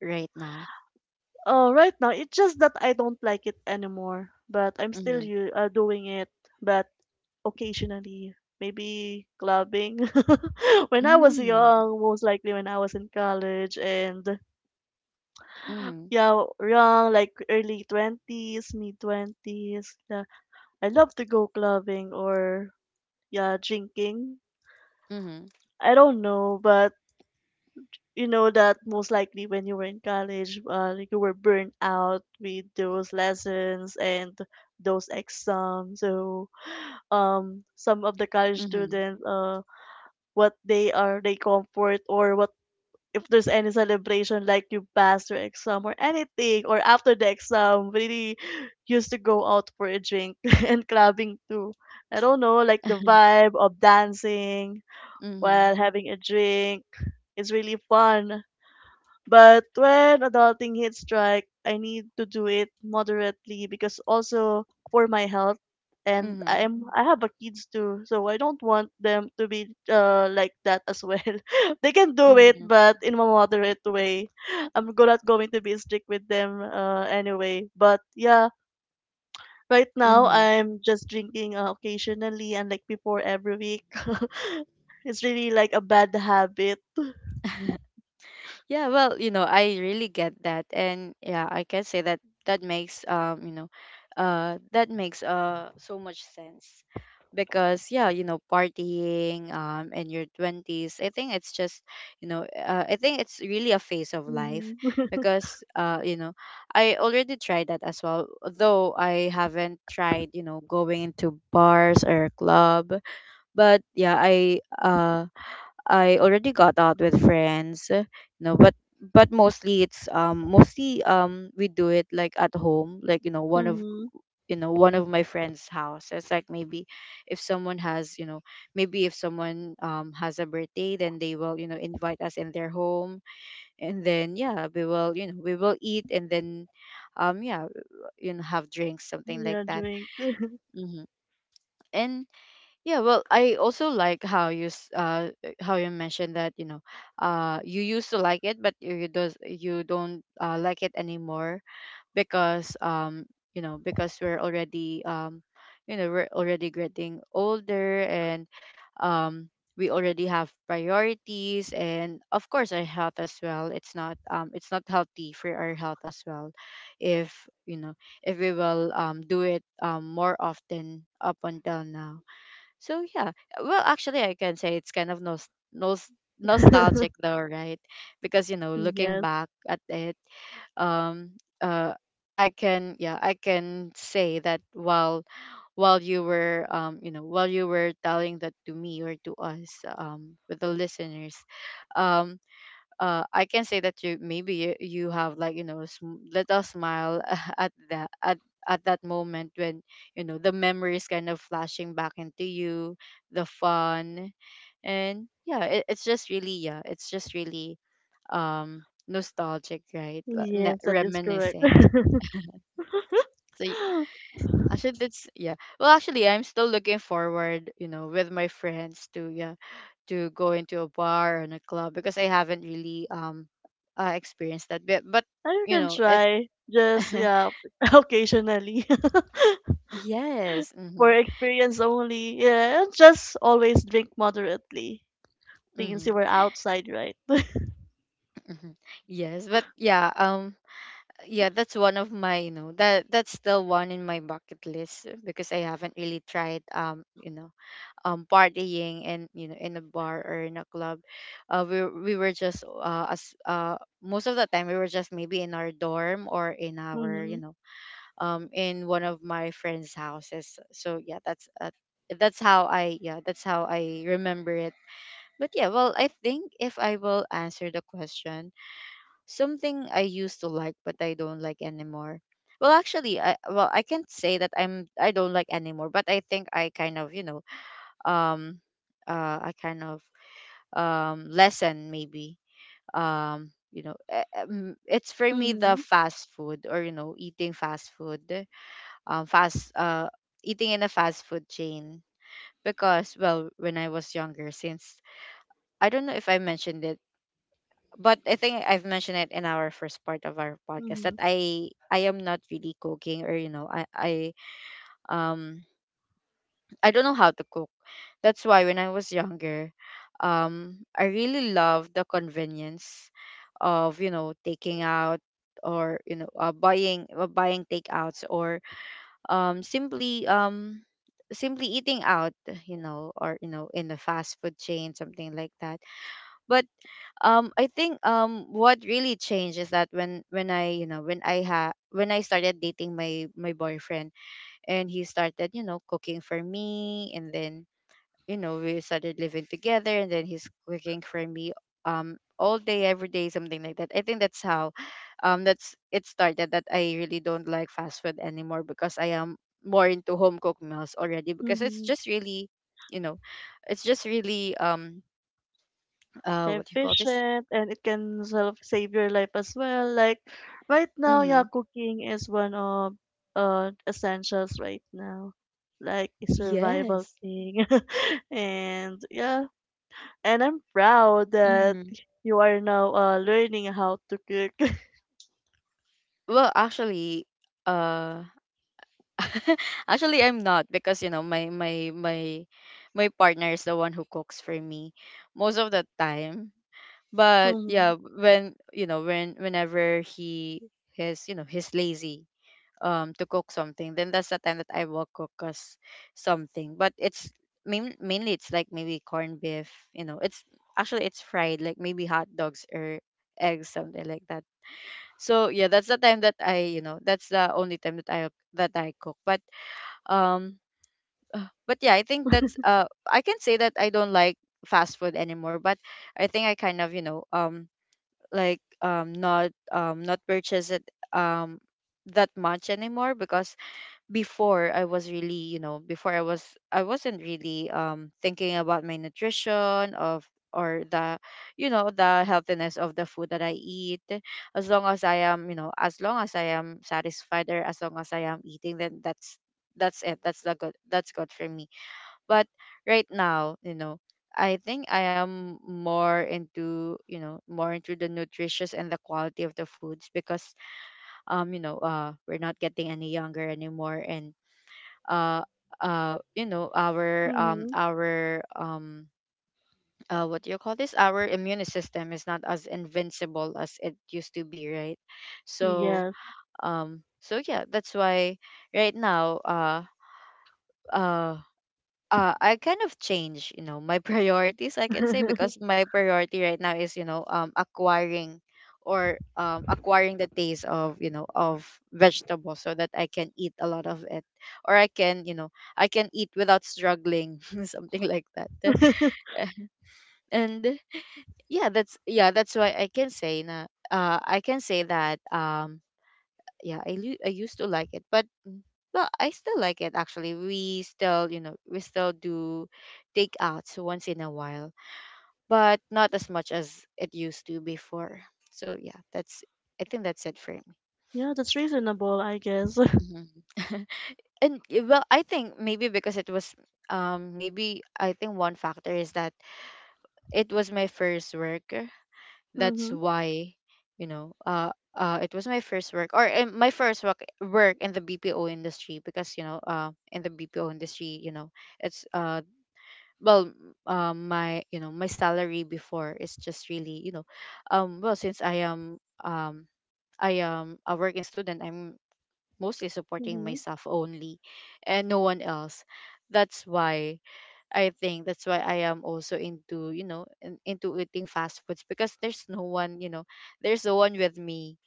[SPEAKER 1] right now?
[SPEAKER 2] Oh, right now it's just that I don't like it anymore, but I'm still
[SPEAKER 1] Mm-hmm.
[SPEAKER 2] you doing it, but occasionally. Maybe clubbing. When I was
[SPEAKER 1] Mm-hmm.
[SPEAKER 2] young, most likely when I was in college, and
[SPEAKER 1] Mm-hmm.
[SPEAKER 2] yeah, young, like early 20s, mid 20s. Yeah. I love to go clubbing, or yeah, drinking.
[SPEAKER 1] Mm-hmm.
[SPEAKER 2] I don't know, but you know that most likely when you were in college, like you were burnt out with those lessons and those exams. So, some of the college
[SPEAKER 1] Mm-hmm.
[SPEAKER 2] students, what they are, they comfort or what. If there's any celebration, like you passed your exam or anything, or after the exam, really used to go out for a drink and clubbing too. I don't know, like the vibe of dancing
[SPEAKER 1] Mm-hmm.
[SPEAKER 2] while having a drink is really fun. But when adulting hits strike, I need to do it moderately, because also for my health, and
[SPEAKER 1] Mm-hmm.
[SPEAKER 2] I have a kids too, so I don't want them to be like that as well. They can do it, but in a moderate way. I'm not going to be strict with them anyway. But yeah, right now
[SPEAKER 1] Mm-hmm.
[SPEAKER 2] I'm just drinking occasionally, and like before every week. It's really like a bad habit.
[SPEAKER 1] Yeah, well, you know, I really get that. And yeah, I can say that that makes that makes so much sense. Because yeah, you know, partying in your 20s, I think it's just, I think it's really a phase of life
[SPEAKER 2] Hmm.
[SPEAKER 1] because you know, I already tried that as well, though I haven't tried, you know, going into bars or a club. But yeah, I I already got out with friends, you know, but mostly it's mostly we do it like at home, like you know one of
[SPEAKER 2] Hmm.
[SPEAKER 1] you know one of my friends' house. It's like maybe if someone has you know maybe if someone has a birthday, then they will you know invite us in their home, and then yeah we will you know we will eat and then um yeah you know have drinks something like
[SPEAKER 2] Yeah,
[SPEAKER 1] that.
[SPEAKER 2] drink.
[SPEAKER 1] Hmm. And yeah, well, I also like how how you mentioned that you know, you used to like it, but you don't like it anymore because you know because we're already you know we're already getting older and um we already have priorities and of course our health as well. It's not healthy for our health as well, if you know if we will do it more often up until now, so yeah, well, actually, I can say it's kind of nostalgic though, right? Because you know, looking
[SPEAKER 2] Yes,
[SPEAKER 1] back at it, um, uh, I can yeah, I can say that while you know, while you were telling that to me or to us with the listeners, um, I can say that you maybe you, you have like you know little smile at that at that moment when you know the memories kind of flashing back into you, the fun, and yeah, it's just really yeah, it's just really nostalgic, right? Like,
[SPEAKER 2] yes, that is correct.
[SPEAKER 1] reminiscing. So
[SPEAKER 2] I
[SPEAKER 1] actually, that's yeah. Well, actually, I'm still looking forward, you know, with my friends to yeah, to go into a bar and a club because I haven't really experienced that bit. But you
[SPEAKER 2] can
[SPEAKER 1] know, it
[SPEAKER 2] try. Just yeah, occasionally,
[SPEAKER 1] yes,
[SPEAKER 2] for
[SPEAKER 1] mm-hmm,
[SPEAKER 2] experience only. Yeah, and just always drink moderately since
[SPEAKER 1] mm-hmm,
[SPEAKER 2] you were outside, right?
[SPEAKER 1] mm-hmm. Yes. But yeah, yeah, that's one of my you know that that's still one in my bucket list because I haven't really tried you know partying and you know in a bar or in a club we were just as most of the time we were just maybe in our dorm or in our you
[SPEAKER 2] Mm-hmm.
[SPEAKER 1] know in one of my friends houses, so yeah that's how I yeah that's how I remember it, but yeah well I think if I will answer the question, something I used to like but I don't like anymore, well actually I can't say that I don't like anymore, but I think I kind of you know um a kind of lesson maybe, you know it's for me the
[SPEAKER 2] Mm-hmm.
[SPEAKER 1] fast food or you know eating fast food, fast eating in a fast food chain, because well when I was younger since I don't know if I mentioned it, but I think I've mentioned it in our first part of our podcast
[SPEAKER 2] Mm-hmm.
[SPEAKER 1] that I am not really cooking or you know um I don't know how to cook. That's why when I was younger, I really loved the convenience of you know taking out or you know buying takeouts or um simply um simply eating out, you know or you know in a fast food chain something like that, but I think what really changed is that when I you know when I ha when I started dating my boyfriend, and he started you know cooking for me and then you know we started living together and then he's cooking for me all day every day something like that. I think that's how that's it started, that I really don't like fast food anymore because I am more into home cooked meals already because it's
[SPEAKER 2] Mm-hmm.
[SPEAKER 1] just really you know it's just really what do you call this.
[SPEAKER 2] Efficient, and it can sort of save your life as well. Like right now,
[SPEAKER 1] Mm-hmm.
[SPEAKER 2] yeah, cooking is one of essentials right now. Like a survival
[SPEAKER 1] Yes.
[SPEAKER 2] thing. And yeah, and I'm proud that
[SPEAKER 1] Mm-hmm.
[SPEAKER 2] you are now learning how to cook.
[SPEAKER 1] Well actually, uh actually, I'm not because you know my partner is the one who cooks for me most of the time. But yeah,
[SPEAKER 2] Mm-hmm.
[SPEAKER 1] when you know when whenever he is you know he's lazy to cook something, then that's the time that I will cook us something. But it's mainly it's like maybe corned beef. You know, it's actually it's fried like maybe hot dogs or eggs something like that. So yeah, that's the time that I you know that's the only time that I cook. Um but yeah, I think that's I can say that I don't like fast food anymore, but I think I kind of, you know, like not purchase it um that much anymore because before I was really, you know, before I was I wasn't really thinking about my nutrition of or the you know the healthiness of the food that I eat, as long as I am, you know, as long as I am satisfied or as long as I am eating, then that's it that's the good that's good for me. But right now, you know, I think I am more into, you know, more into the nutritious and the quality of the foods because we're not getting any younger anymore and uh you know,
[SPEAKER 2] Mm-hmm.
[SPEAKER 1] our what do you call this? Our immune system is not as invincible as it used to be, right? So,
[SPEAKER 2] Yes.
[SPEAKER 1] so yeah, that's why right now, uh I kind of change, you know, my priorities I can say because my priority right now is, you know, acquiring or acquiring the taste of, you know, of vegetables so that I can eat a lot of it, or I can, you know, I can eat without struggling, something like that. And yeah, that's why I can say na I can say that yeah, I used to like it, but mm, well, I still like it actually. We still, you know, we still do takeouts once in a while, but not as much as it used to before. So yeah, that's I think that's it for me.
[SPEAKER 2] Yeah, that's reasonable, I guess.
[SPEAKER 1] Mhm. And well, I think maybe because it was maybe I think one factor is that it was my first work, that's
[SPEAKER 2] Mm-hmm.
[SPEAKER 1] why you know it was my first work or my first work work in the BPO industry because you know in the BPO industry you know it's well my you know my salary before is just really you know well since um I am a working student, I'm mostly supporting
[SPEAKER 2] Mm-hmm.
[SPEAKER 1] myself only and no one else, that's why I think that's why I am also into, you know, into eating fast foods because there's no one, you know, there's no one with me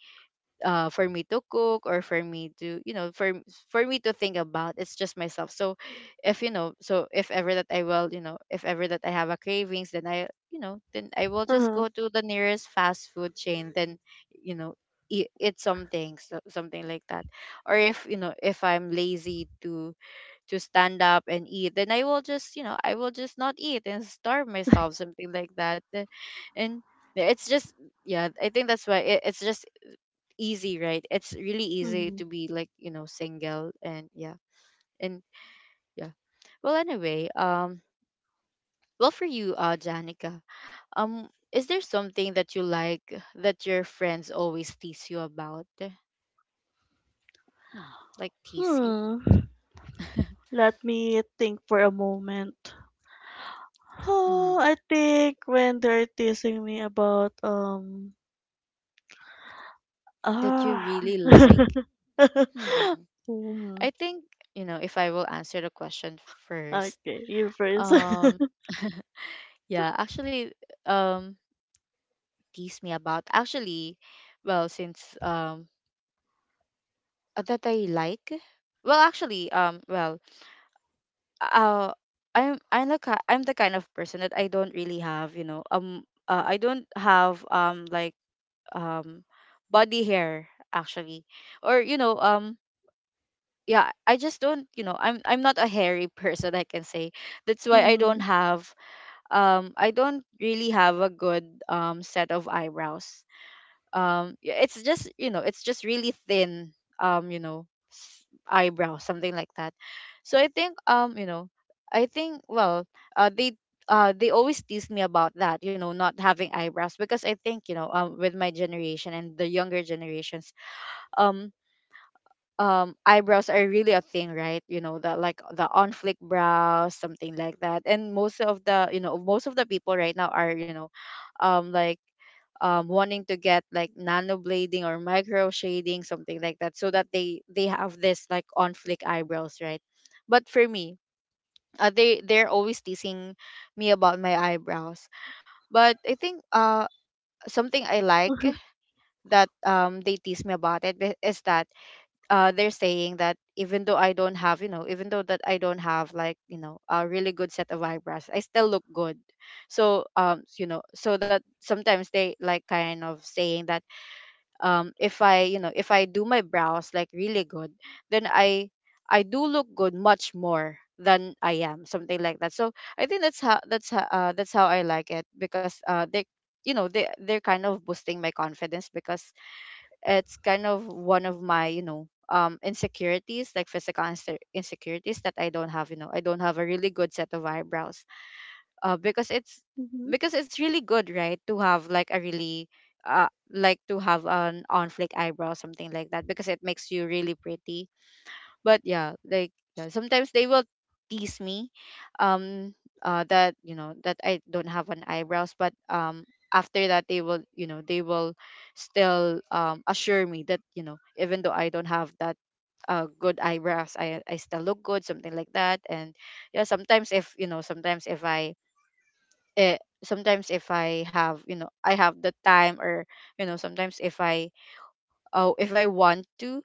[SPEAKER 1] for me to cook or for me to, you know, for me to think about. It's just myself. So if you know, so if ever that I will, you know, if ever that I have a cravings, then I, you know, then I will just
[SPEAKER 2] Uh-huh.
[SPEAKER 1] go to the nearest fast food chain then, you know, eat something so, something like that. Or if you know if I'm lazy to stand up and eat, then I will just you know I will just not eat and starve myself, something like that. And yeah, it's just yeah I think that's why it's just easy, right, it's really easy
[SPEAKER 2] Mm-hmm.
[SPEAKER 1] to be like you know single and yeah and yeah. Well anyway, well for you Janica, is there something that you like that your friends always tease you about? Hmm. Like tease you,
[SPEAKER 2] Hmm. Let me think for a moment. Oh,
[SPEAKER 1] hmm,
[SPEAKER 2] I think when they're teasing me about
[SPEAKER 1] that you
[SPEAKER 2] ah
[SPEAKER 1] really like. Hmm.
[SPEAKER 2] Hmm.
[SPEAKER 1] I think, you know, if I will answer the question first.
[SPEAKER 2] Okay, you first.
[SPEAKER 1] Um yeah, actually, um tease me about actually, well since that I like, well actually uh I'm I'm the kind of person that I don't really have, you know, I don't have like um body hair actually, or you know yeah, I just don't, you know, I'm not a hairy person I can say. That's why
[SPEAKER 2] Mm-hmm.
[SPEAKER 1] I don't really have a good set of eyebrows. Yeah, it's just, it's just really thin, um, you know, eyebrow, something like that. So I think, I think well, uh they they always tease me about that, not having eyebrows, because I think, with my generation and the younger generations, um, eyebrows are really a thing, right? you know the like the on flick brows, something like that. And most of the people right now are, um like wanting to get like nano blading or micro shading something like that, so that they have this like on flick eyebrows, right? But for me, they're always teasing me about my eyebrows. But I think, something I like that, they tease me about it, is that, they're saying that even though I don't have, even though that I don't have like, a really good set of eyebrows, I still look good. So, so that sometimes they like kind of saying that, if I, if I do my brows like really good, then I do look good much more than I am, something like that. So I think that's how I like it, because, they, they're kind of boosting my confidence, because it's kind of one of my, insecurities, like physical, insecurities that I don't have, I don't have a really good set of eyebrows. uh because it's
[SPEAKER 2] Mm-hmm.
[SPEAKER 1] because it's really good, right, to have like a really, to have an on flick eyebrow, something like that, because it makes you really pretty. But yeah, like, yeah, sometimes they will tease me, um that, that I don't have an eyebrows, but, after that they will, still, assure me that, even though I don't have that, good eyebrows, I still look good, something like that. And yeah, sometimes, if you know sometimes if I eh, sometimes if I have, I have the time, or, you know sometimes if I oh if I want to,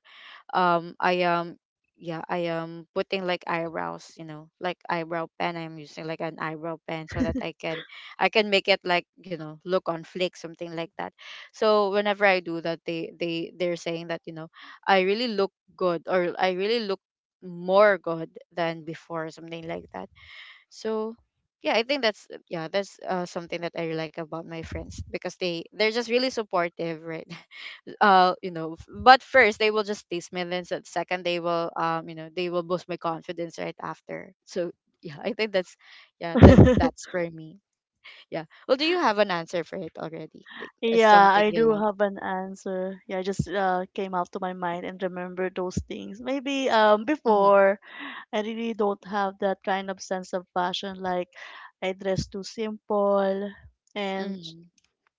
[SPEAKER 1] I am yeah, I am putting like eyebrows, you know, like eyebrow pen. I'm using like an eyebrow pen, so that I can, make it like, look on flick, something like that. So whenever I do that, they're saying that, I really look good, or I really look more good than before, something like that. So yeah, I think that's something that I like about my friends, because they're just really supportive, right? But first they will just tease me, and then, second they will, boost my confidence right after, so yeah, I think that, that's for me. Yeah, well, do you have an answer for it already, like,
[SPEAKER 2] Yeah,
[SPEAKER 1] something
[SPEAKER 2] I
[SPEAKER 1] you
[SPEAKER 2] do
[SPEAKER 1] like?
[SPEAKER 2] have an answer. Yeah, I just came up to my mind and remember those things. Maybe
[SPEAKER 1] Mm-hmm.
[SPEAKER 2] before I really don't have that kind of sense of fashion. Like I dress too simple, and
[SPEAKER 1] Mm-hmm.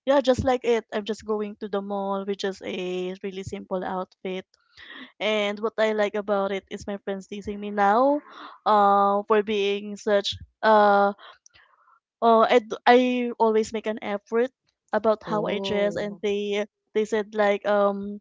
[SPEAKER 2] yeah, just like it, I'm just going to the mall, which is a really simple outfit. And what I like about it is my friends teasing me now, for being such uh I always make an effort about how I dress, and
[SPEAKER 1] Oh.
[SPEAKER 2] they said like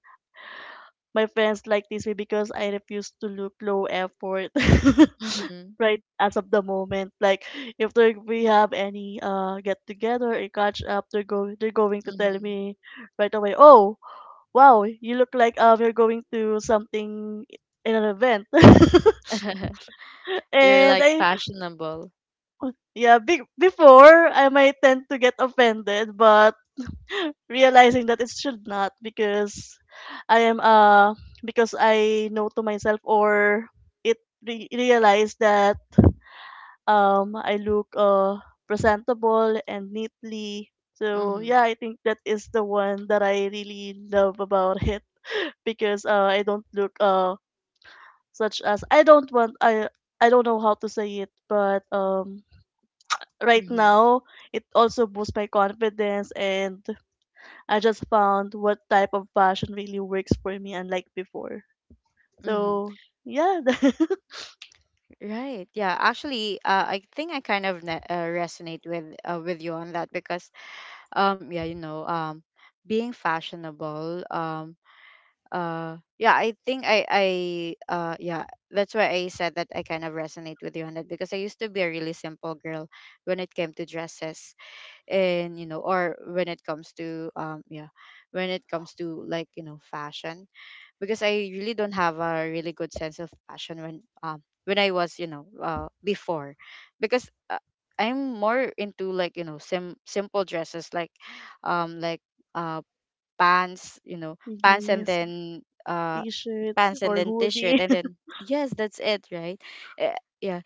[SPEAKER 2] my friends like this way because I refuse to look low effort.
[SPEAKER 1] Mm-hmm.
[SPEAKER 2] Right, as of the moment, like if they, we have any get together or catch up, they're go they're going to tell
[SPEAKER 1] Mm-hmm.
[SPEAKER 2] me right away. Oh, wow, you look like you're going to something, in an event.
[SPEAKER 1] You're
[SPEAKER 2] and
[SPEAKER 1] like
[SPEAKER 2] I
[SPEAKER 1] fashionable.
[SPEAKER 2] Yeah, before I might tend to get offended, but realizing that it should not, because I am because I know to myself, or it, realized that I look presentable and neatly. So
[SPEAKER 1] Mm-hmm.
[SPEAKER 2] yeah, I think that is the one that I really love about it, because I don't look such as I don't want, I don't know how to say it, but right
[SPEAKER 1] Mm-hmm.
[SPEAKER 2] now it also boosts my confidence, and I just found what type of fashion really works for me, unlike before.
[SPEAKER 1] Mm-hmm.
[SPEAKER 2] So, yeah.
[SPEAKER 1] Right. Yeah. Actually, I think I kind of, resonate with, with you on that, because, um yeah you know um being fashionable, yeah I think I yeah that's why I said that I kind of resonate with you on that, because I used to be a really simple girl when it came to dresses, and, or when it comes to, when it comes to, like, fashion, because I really don't have a really good sense of passion when, when I was, before, because, I'm more into, like, simple dresses, like, um like uh pants, you know, pants, and
[SPEAKER 2] Yes,
[SPEAKER 1] then,
[SPEAKER 2] t shirts or
[SPEAKER 1] t-shirt,
[SPEAKER 2] hoodie.
[SPEAKER 1] and then, yes, that's it, right? Yeah,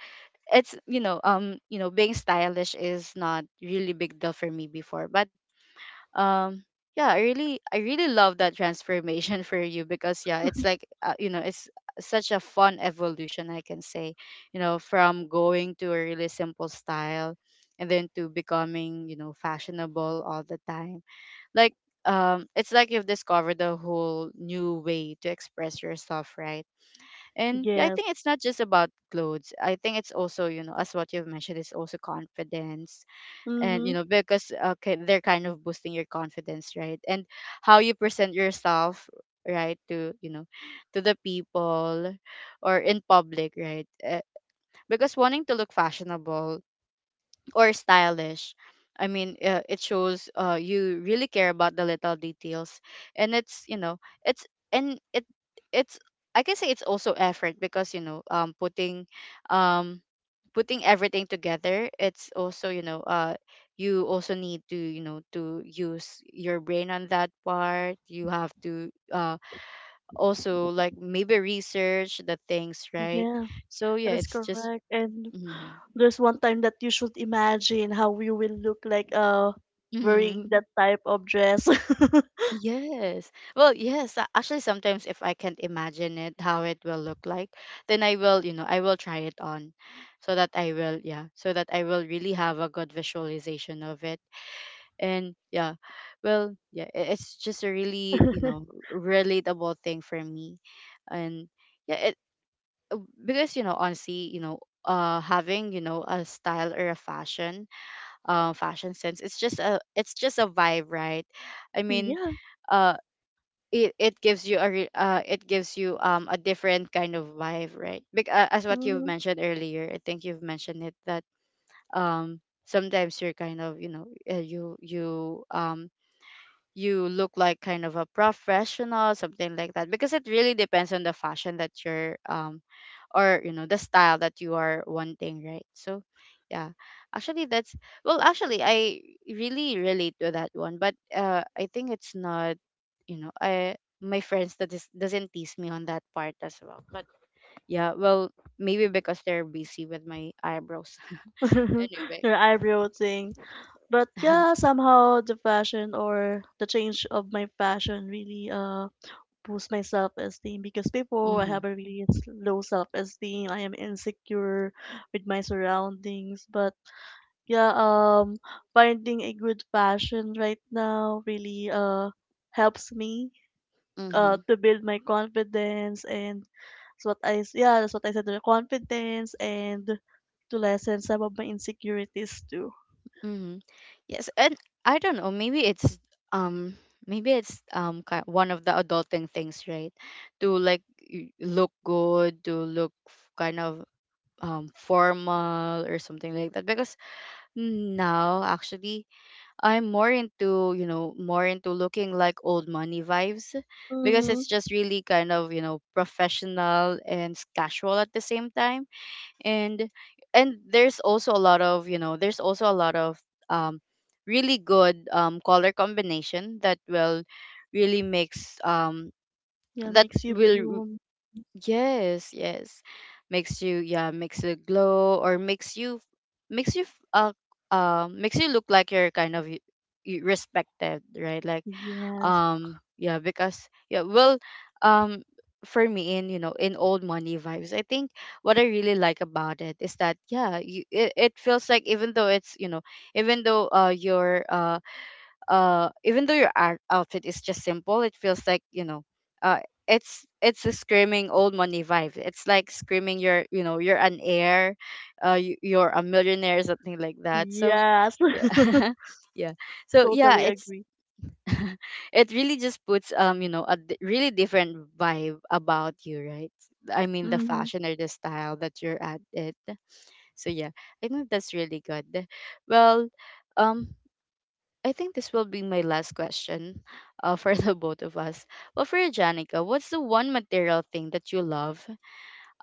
[SPEAKER 1] it's, being stylish is not really big deal for me before, but, um yeah, I really love that transformation, for you, because yeah, it's like, it's such a fun evolution, I can say. You know, from going to a really simple style, and then to becoming, fashionable all the time, like, it's like you've discovered a whole new way to express yourself, right? And yeah, I
[SPEAKER 2] Yes.
[SPEAKER 1] think it's not just about clothes, I think it's also, as what you've mentioned, it's also confidence. And, you
[SPEAKER 2] Mm-hmm.
[SPEAKER 1] know, because okay, they're kind of boosting your confidence, right? And how you present yourself, right, to, to the people, or in public, right, because wanting to look fashionable or stylish. I mean, it shows, you really care about the little details, and it's you know it's and it it's I can say it's also effort, because, um putting everything together, it's also, you also need to, to use your brain on that part, you have to, also, like, maybe research the things, right?
[SPEAKER 2] Yes,
[SPEAKER 1] So
[SPEAKER 2] that
[SPEAKER 1] yeah,
[SPEAKER 2] is
[SPEAKER 1] it's just.
[SPEAKER 2] correct. And
[SPEAKER 1] Hmm.
[SPEAKER 2] there's one time that you should imagine how you will look like wearing that type of dress.
[SPEAKER 1] Yes. Well, yes. Actually, sometimes if I can't imagine it, how it will look like, then I will, I will try it on, so that I will, yeah, so that I will really have a good visualization of it. And yeah, well, yeah, it's just a really, you know, relatable thing for me. And yeah, it, uh, because, you know, honestly, having, a style or a fashion, fashion sense, it's just a vibe, right? I mean,
[SPEAKER 2] Yeah.
[SPEAKER 1] uh it gives you, a different kind of vibe, right? Because, as what you've
[SPEAKER 2] Mm-hmm.
[SPEAKER 1] mentioned earlier, I think you've mentioned it that, sometimes you're kind of, uh, you you um you look like kind of a professional, something like that, because it really depends on the fashion that you're, or, the style that you are wanting, right? So yeah, actually that's, well, actually, I really relate to that one, but, I think it's not, I my friends, that is, doesn't tease me on that part as well, but yeah, well, maybe because they're busy with my eyebrows. Anyway.
[SPEAKER 2] Your eyebrow thing. But yeah, somehow the fashion or the change of my fashion really boost my self esteem, because before I
[SPEAKER 1] Mm-hmm.
[SPEAKER 2] have a really low self esteem. I am insecure with my surroundings. But yeah, finding a good passion right now really helps me
[SPEAKER 1] Mm-hmm.
[SPEAKER 2] to build my confidence. And that's what I yeah, that's what I said, the confidence and to lessen some of my insecurities too.
[SPEAKER 1] Hmm. Yes, and I don't know. Maybe it's, um, maybe it's ki one of the adulting things, right? To like, look good, to look, kind of, formal or something like that. Because now, actually, I'm more into looking like old money vibes, because
[SPEAKER 2] Mm-hmm.
[SPEAKER 1] it's just really kind of, professional and casual at the same time. And, there's also a lot of, um really good, color combination that will really makes,
[SPEAKER 2] Yeah,
[SPEAKER 1] that
[SPEAKER 2] makes you
[SPEAKER 1] will
[SPEAKER 2] bloom.
[SPEAKER 1] yes, yes, makes you, yeah, makes you glow, or makes you, makes you f- uh makes you look like you're kind of, respected, right? Like,
[SPEAKER 2] Yes.
[SPEAKER 1] yeah, because yeah, well, um for me, in, in old money vibes, I think what I really like about it is that, yeah, it feels like even though it's, even though uh your uh even though your, outfit is just simple, it feels like, uh it's a screaming old money vibe, it's like screaming you're, you're an heir, you're a millionaire, something like that, so
[SPEAKER 2] Yes.
[SPEAKER 1] yeah, yeah, so yeah,
[SPEAKER 2] Totally
[SPEAKER 1] it's,
[SPEAKER 2] agree.
[SPEAKER 1] it really just puts, a, really different vibe about you, right? I mean, the
[SPEAKER 2] Mm-hmm.
[SPEAKER 1] fashion or the style that you're at it, so yeah, I think that's really good. Well, um I think this will be my last question, for the both of us. Well, for you, Janica, what's the one material thing that you love,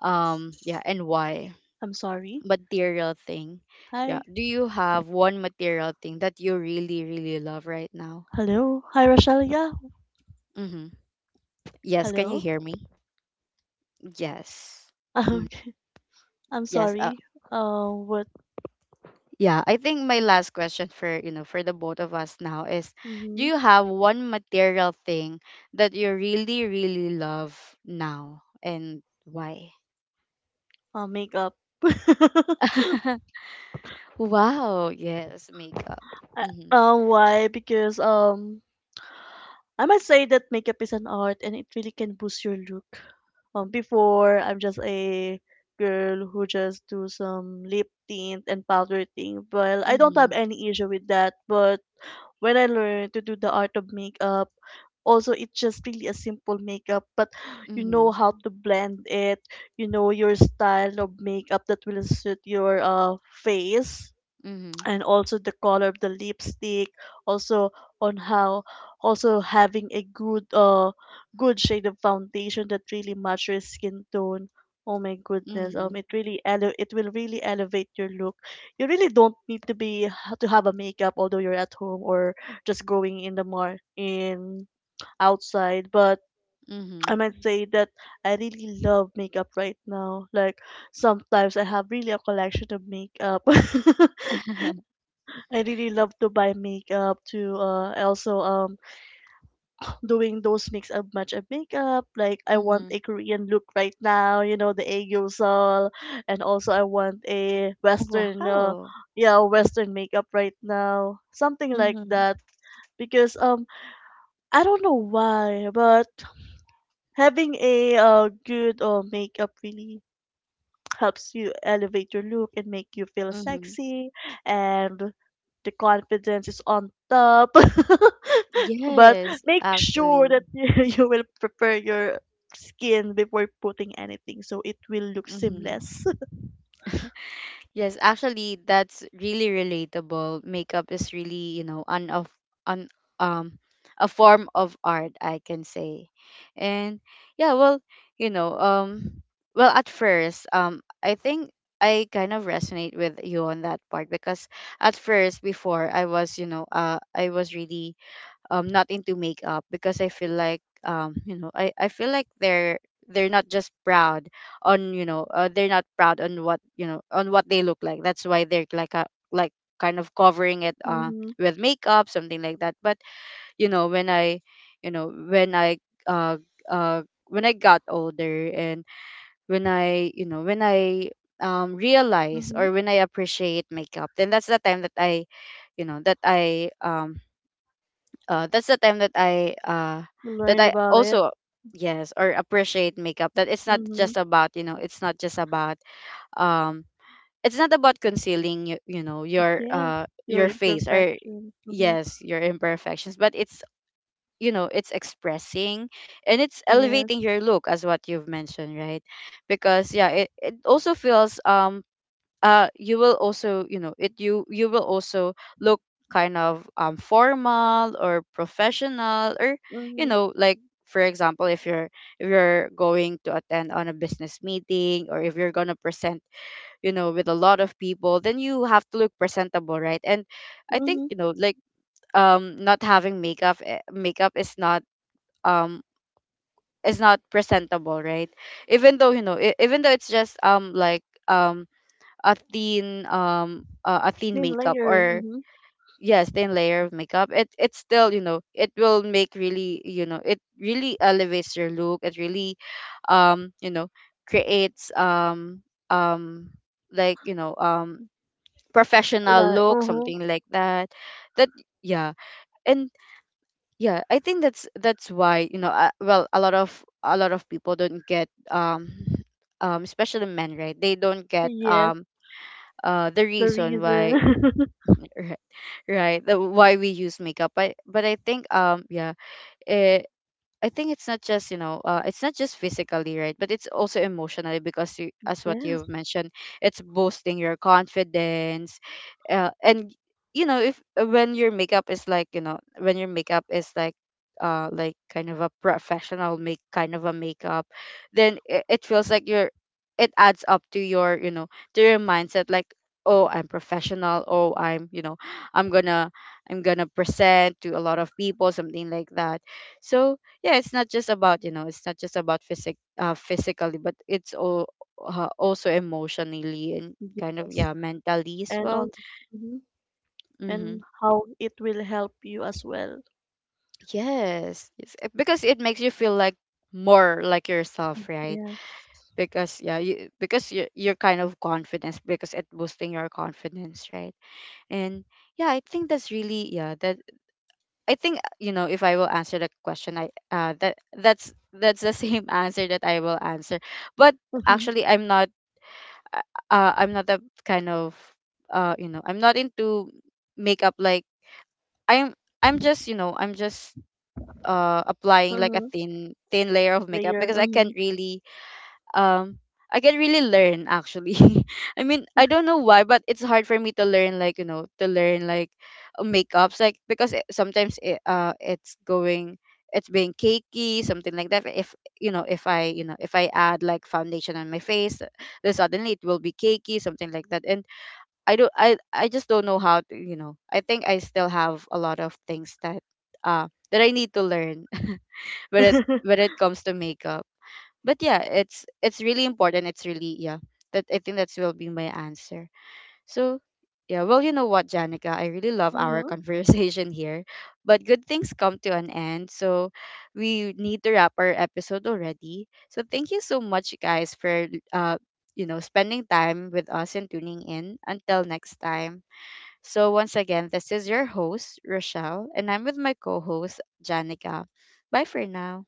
[SPEAKER 1] yeah, and why?
[SPEAKER 2] I'm sorry.
[SPEAKER 1] Material thing? Yeah,
[SPEAKER 2] Hi.
[SPEAKER 1] do you have one material thing that you really really love right now?
[SPEAKER 2] Hello. Hi, Rochelle. Yeah.
[SPEAKER 1] Mm-hmm. Yes, can you
[SPEAKER 2] Hello.
[SPEAKER 1] hear me? Yes. Mhm.
[SPEAKER 2] Okay. I'm
[SPEAKER 1] Yes.
[SPEAKER 2] sorry. What?
[SPEAKER 1] Yeah. I think my last question, for, for the both of us now is, do
[SPEAKER 2] Mm-hmm.
[SPEAKER 1] you have one material thing that you really really love now and why?
[SPEAKER 2] Makeup.
[SPEAKER 1] Wow. Yes. Makeup.
[SPEAKER 2] Uh,
[SPEAKER 1] Mhm.
[SPEAKER 2] why? Because I must say that makeup is an art, and it really can boost your look. Before, I'm just a girl who just do some lip tint and powder thing. Well, I don't have
[SPEAKER 1] Mhm.
[SPEAKER 2] any issue with that, but when I learned to do the art of makeup, also it's just really a simple makeup, but you know
[SPEAKER 1] Mhm.
[SPEAKER 2] how to blend it, you know your style of makeup that will suit your face,
[SPEAKER 1] Mhm.
[SPEAKER 2] and also the color of the lipstick, also on how, also having a good good shade of foundation that really match your skin tone. Oh my goodness,
[SPEAKER 1] Mhm.
[SPEAKER 2] it really it will really elevate your look. You really don't need to be, to have a makeup although you're at home or just going in the mar in outside. But I
[SPEAKER 1] Mhm.
[SPEAKER 2] might say that I really love makeup right now. Like, sometimes I have really a collection of makeup. I really love to buy makeup. To I also doing those mix up match up makeup. Like, I want a
[SPEAKER 1] Mhm.
[SPEAKER 2] Korean look right now, you know, the aegyeosal, and also I want a Western,
[SPEAKER 1] Wow.
[SPEAKER 2] yeah, Western makeup right now, something like
[SPEAKER 1] Mhm.
[SPEAKER 2] that. Because I don't know why, but having a good makeup really helps you elevate your look and make you feel
[SPEAKER 1] Mhm.
[SPEAKER 2] sexy, and the confidence is on top. But
[SPEAKER 1] Yes.
[SPEAKER 2] make sure
[SPEAKER 1] Actually.
[SPEAKER 2] that you will prepare your skin before putting anything, so it will look
[SPEAKER 1] Mhm.
[SPEAKER 2] seamless.
[SPEAKER 1] Yes, actually, that's really relatable. Makeup is really, you know, an of an um a form of art, I can say. And yeah, well, you know, um, well, at first, I think I kind of resonate with you on that part, because at first, before I was really not into makeup, because I feel like, I feel like they're not just proud on, they're not proud on what, on what they look like. That's why they're like a, like kind of covering it,
[SPEAKER 2] Mm-hmm,
[SPEAKER 1] with makeup, something like that. But when I you know when I uh when I got older, and when I realize,
[SPEAKER 2] mm-hmm.
[SPEAKER 1] or when I appreciate makeup, then that's the time that I, you know that I um uh, that's the time that I uh that
[SPEAKER 2] Learned
[SPEAKER 1] I
[SPEAKER 2] about it.
[SPEAKER 1] also, yes, or appreciate makeup, that it's not
[SPEAKER 2] Mm-hmm.
[SPEAKER 1] just about, um it's not about concealing your
[SPEAKER 2] Yes,
[SPEAKER 1] uh
[SPEAKER 2] your
[SPEAKER 1] your face, or
[SPEAKER 2] imperfections. Mm-hmm.
[SPEAKER 1] yes, your imperfections, but it's you know it's expressing, and it's
[SPEAKER 2] Yes.
[SPEAKER 1] elevating your look, as what you've mentioned, right? Because yeah, it also feels, you will also, you know it you you will also look kind of, formal or professional, or
[SPEAKER 2] Mm-hmm,
[SPEAKER 1] like, for example, if you're going to attend on a business meeting, or if you're going to present, with a lot of people, then you have to look presentable, right? And I think,
[SPEAKER 2] mm-hmm.
[SPEAKER 1] like, not having makeup, makeup is not, um is not presentable, right? Even though, even though it's just, like, a thin
[SPEAKER 2] Thin
[SPEAKER 1] makeup,
[SPEAKER 2] layer.
[SPEAKER 1] or
[SPEAKER 2] Mm-hmm.
[SPEAKER 1] yes, thin layer of makeup, it's still, it will make, really, it really elevates your look, it really, um you know creates, um like, professional
[SPEAKER 2] Like,
[SPEAKER 1] look,
[SPEAKER 2] uh-huh.
[SPEAKER 1] something like that. Yeah, and yeah, I think that's why, well, a lot of people don't get, especially men, right? They don't get,
[SPEAKER 2] Yes,
[SPEAKER 1] the
[SPEAKER 2] the
[SPEAKER 1] reason why.
[SPEAKER 2] reason.
[SPEAKER 1] Right. Right, why we use makeup. But I think, yeah, it, I think it's not just, it's not just physically, right, but it's also emotionally, because you, as what
[SPEAKER 2] Yes,
[SPEAKER 1] you've mentioned, it's boosting your confidence, and, if when your makeup is like, like kind of a professional, make kind of a makeup, then it feels like you're it adds up to your, to your mindset, like, oh I'm professional, oh I'm, I'm gonna I'm gonna present to a lot of people, something like that. So yeah, it's not just about, it's not just about, physically, but it's all, also emotionally, and kind of,
[SPEAKER 2] yes,
[SPEAKER 1] yeah, mentally as
[SPEAKER 2] and on,
[SPEAKER 1] well.
[SPEAKER 2] mhm,
[SPEAKER 1] Mm-hmm.
[SPEAKER 2] and how it will help you as well.
[SPEAKER 1] Yes, yes, because it makes you feel like more like yourself, right?
[SPEAKER 2] Yes.
[SPEAKER 1] Because yeah, you because you're kind of confidence, because it boosting your confidence, right? And yeah, I think that's really, yeah, that I think, if I will answer the question, I, that's the same answer that I will answer. But actually I'm not, I'm not that kind of, I'm not into makeup, like, I'm I'm just, applying like a
[SPEAKER 2] Mm-hmm.
[SPEAKER 1] thin layer of makeup,
[SPEAKER 2] Layer.
[SPEAKER 1] because I
[SPEAKER 2] Mm-hmm.
[SPEAKER 1] can't really, um I can really learn, actually. I mean, I don't know why, but it's hard for me to learn, like, to learn like, makeups, like, because sometimes it's being cakey, something like that. If, if I add like foundation on my face, then suddenly it will be cakey, something like that. And I just don't know how to. I think I still have a lot of things that, that I need to learn when it comes to makeup. But yeah, it's really important, it's really, yeah, that I think that's, will be my answer. So yeah, well, you know what, Janica, I really love our conversation here. But good things come to an end, so we need to wrap our episode already. So thank you so much, guys, for, uh spending time with us and tuning in, until next time. So once again, this is your host Rochelle, and I'm with my co-host Janica. Bye for now.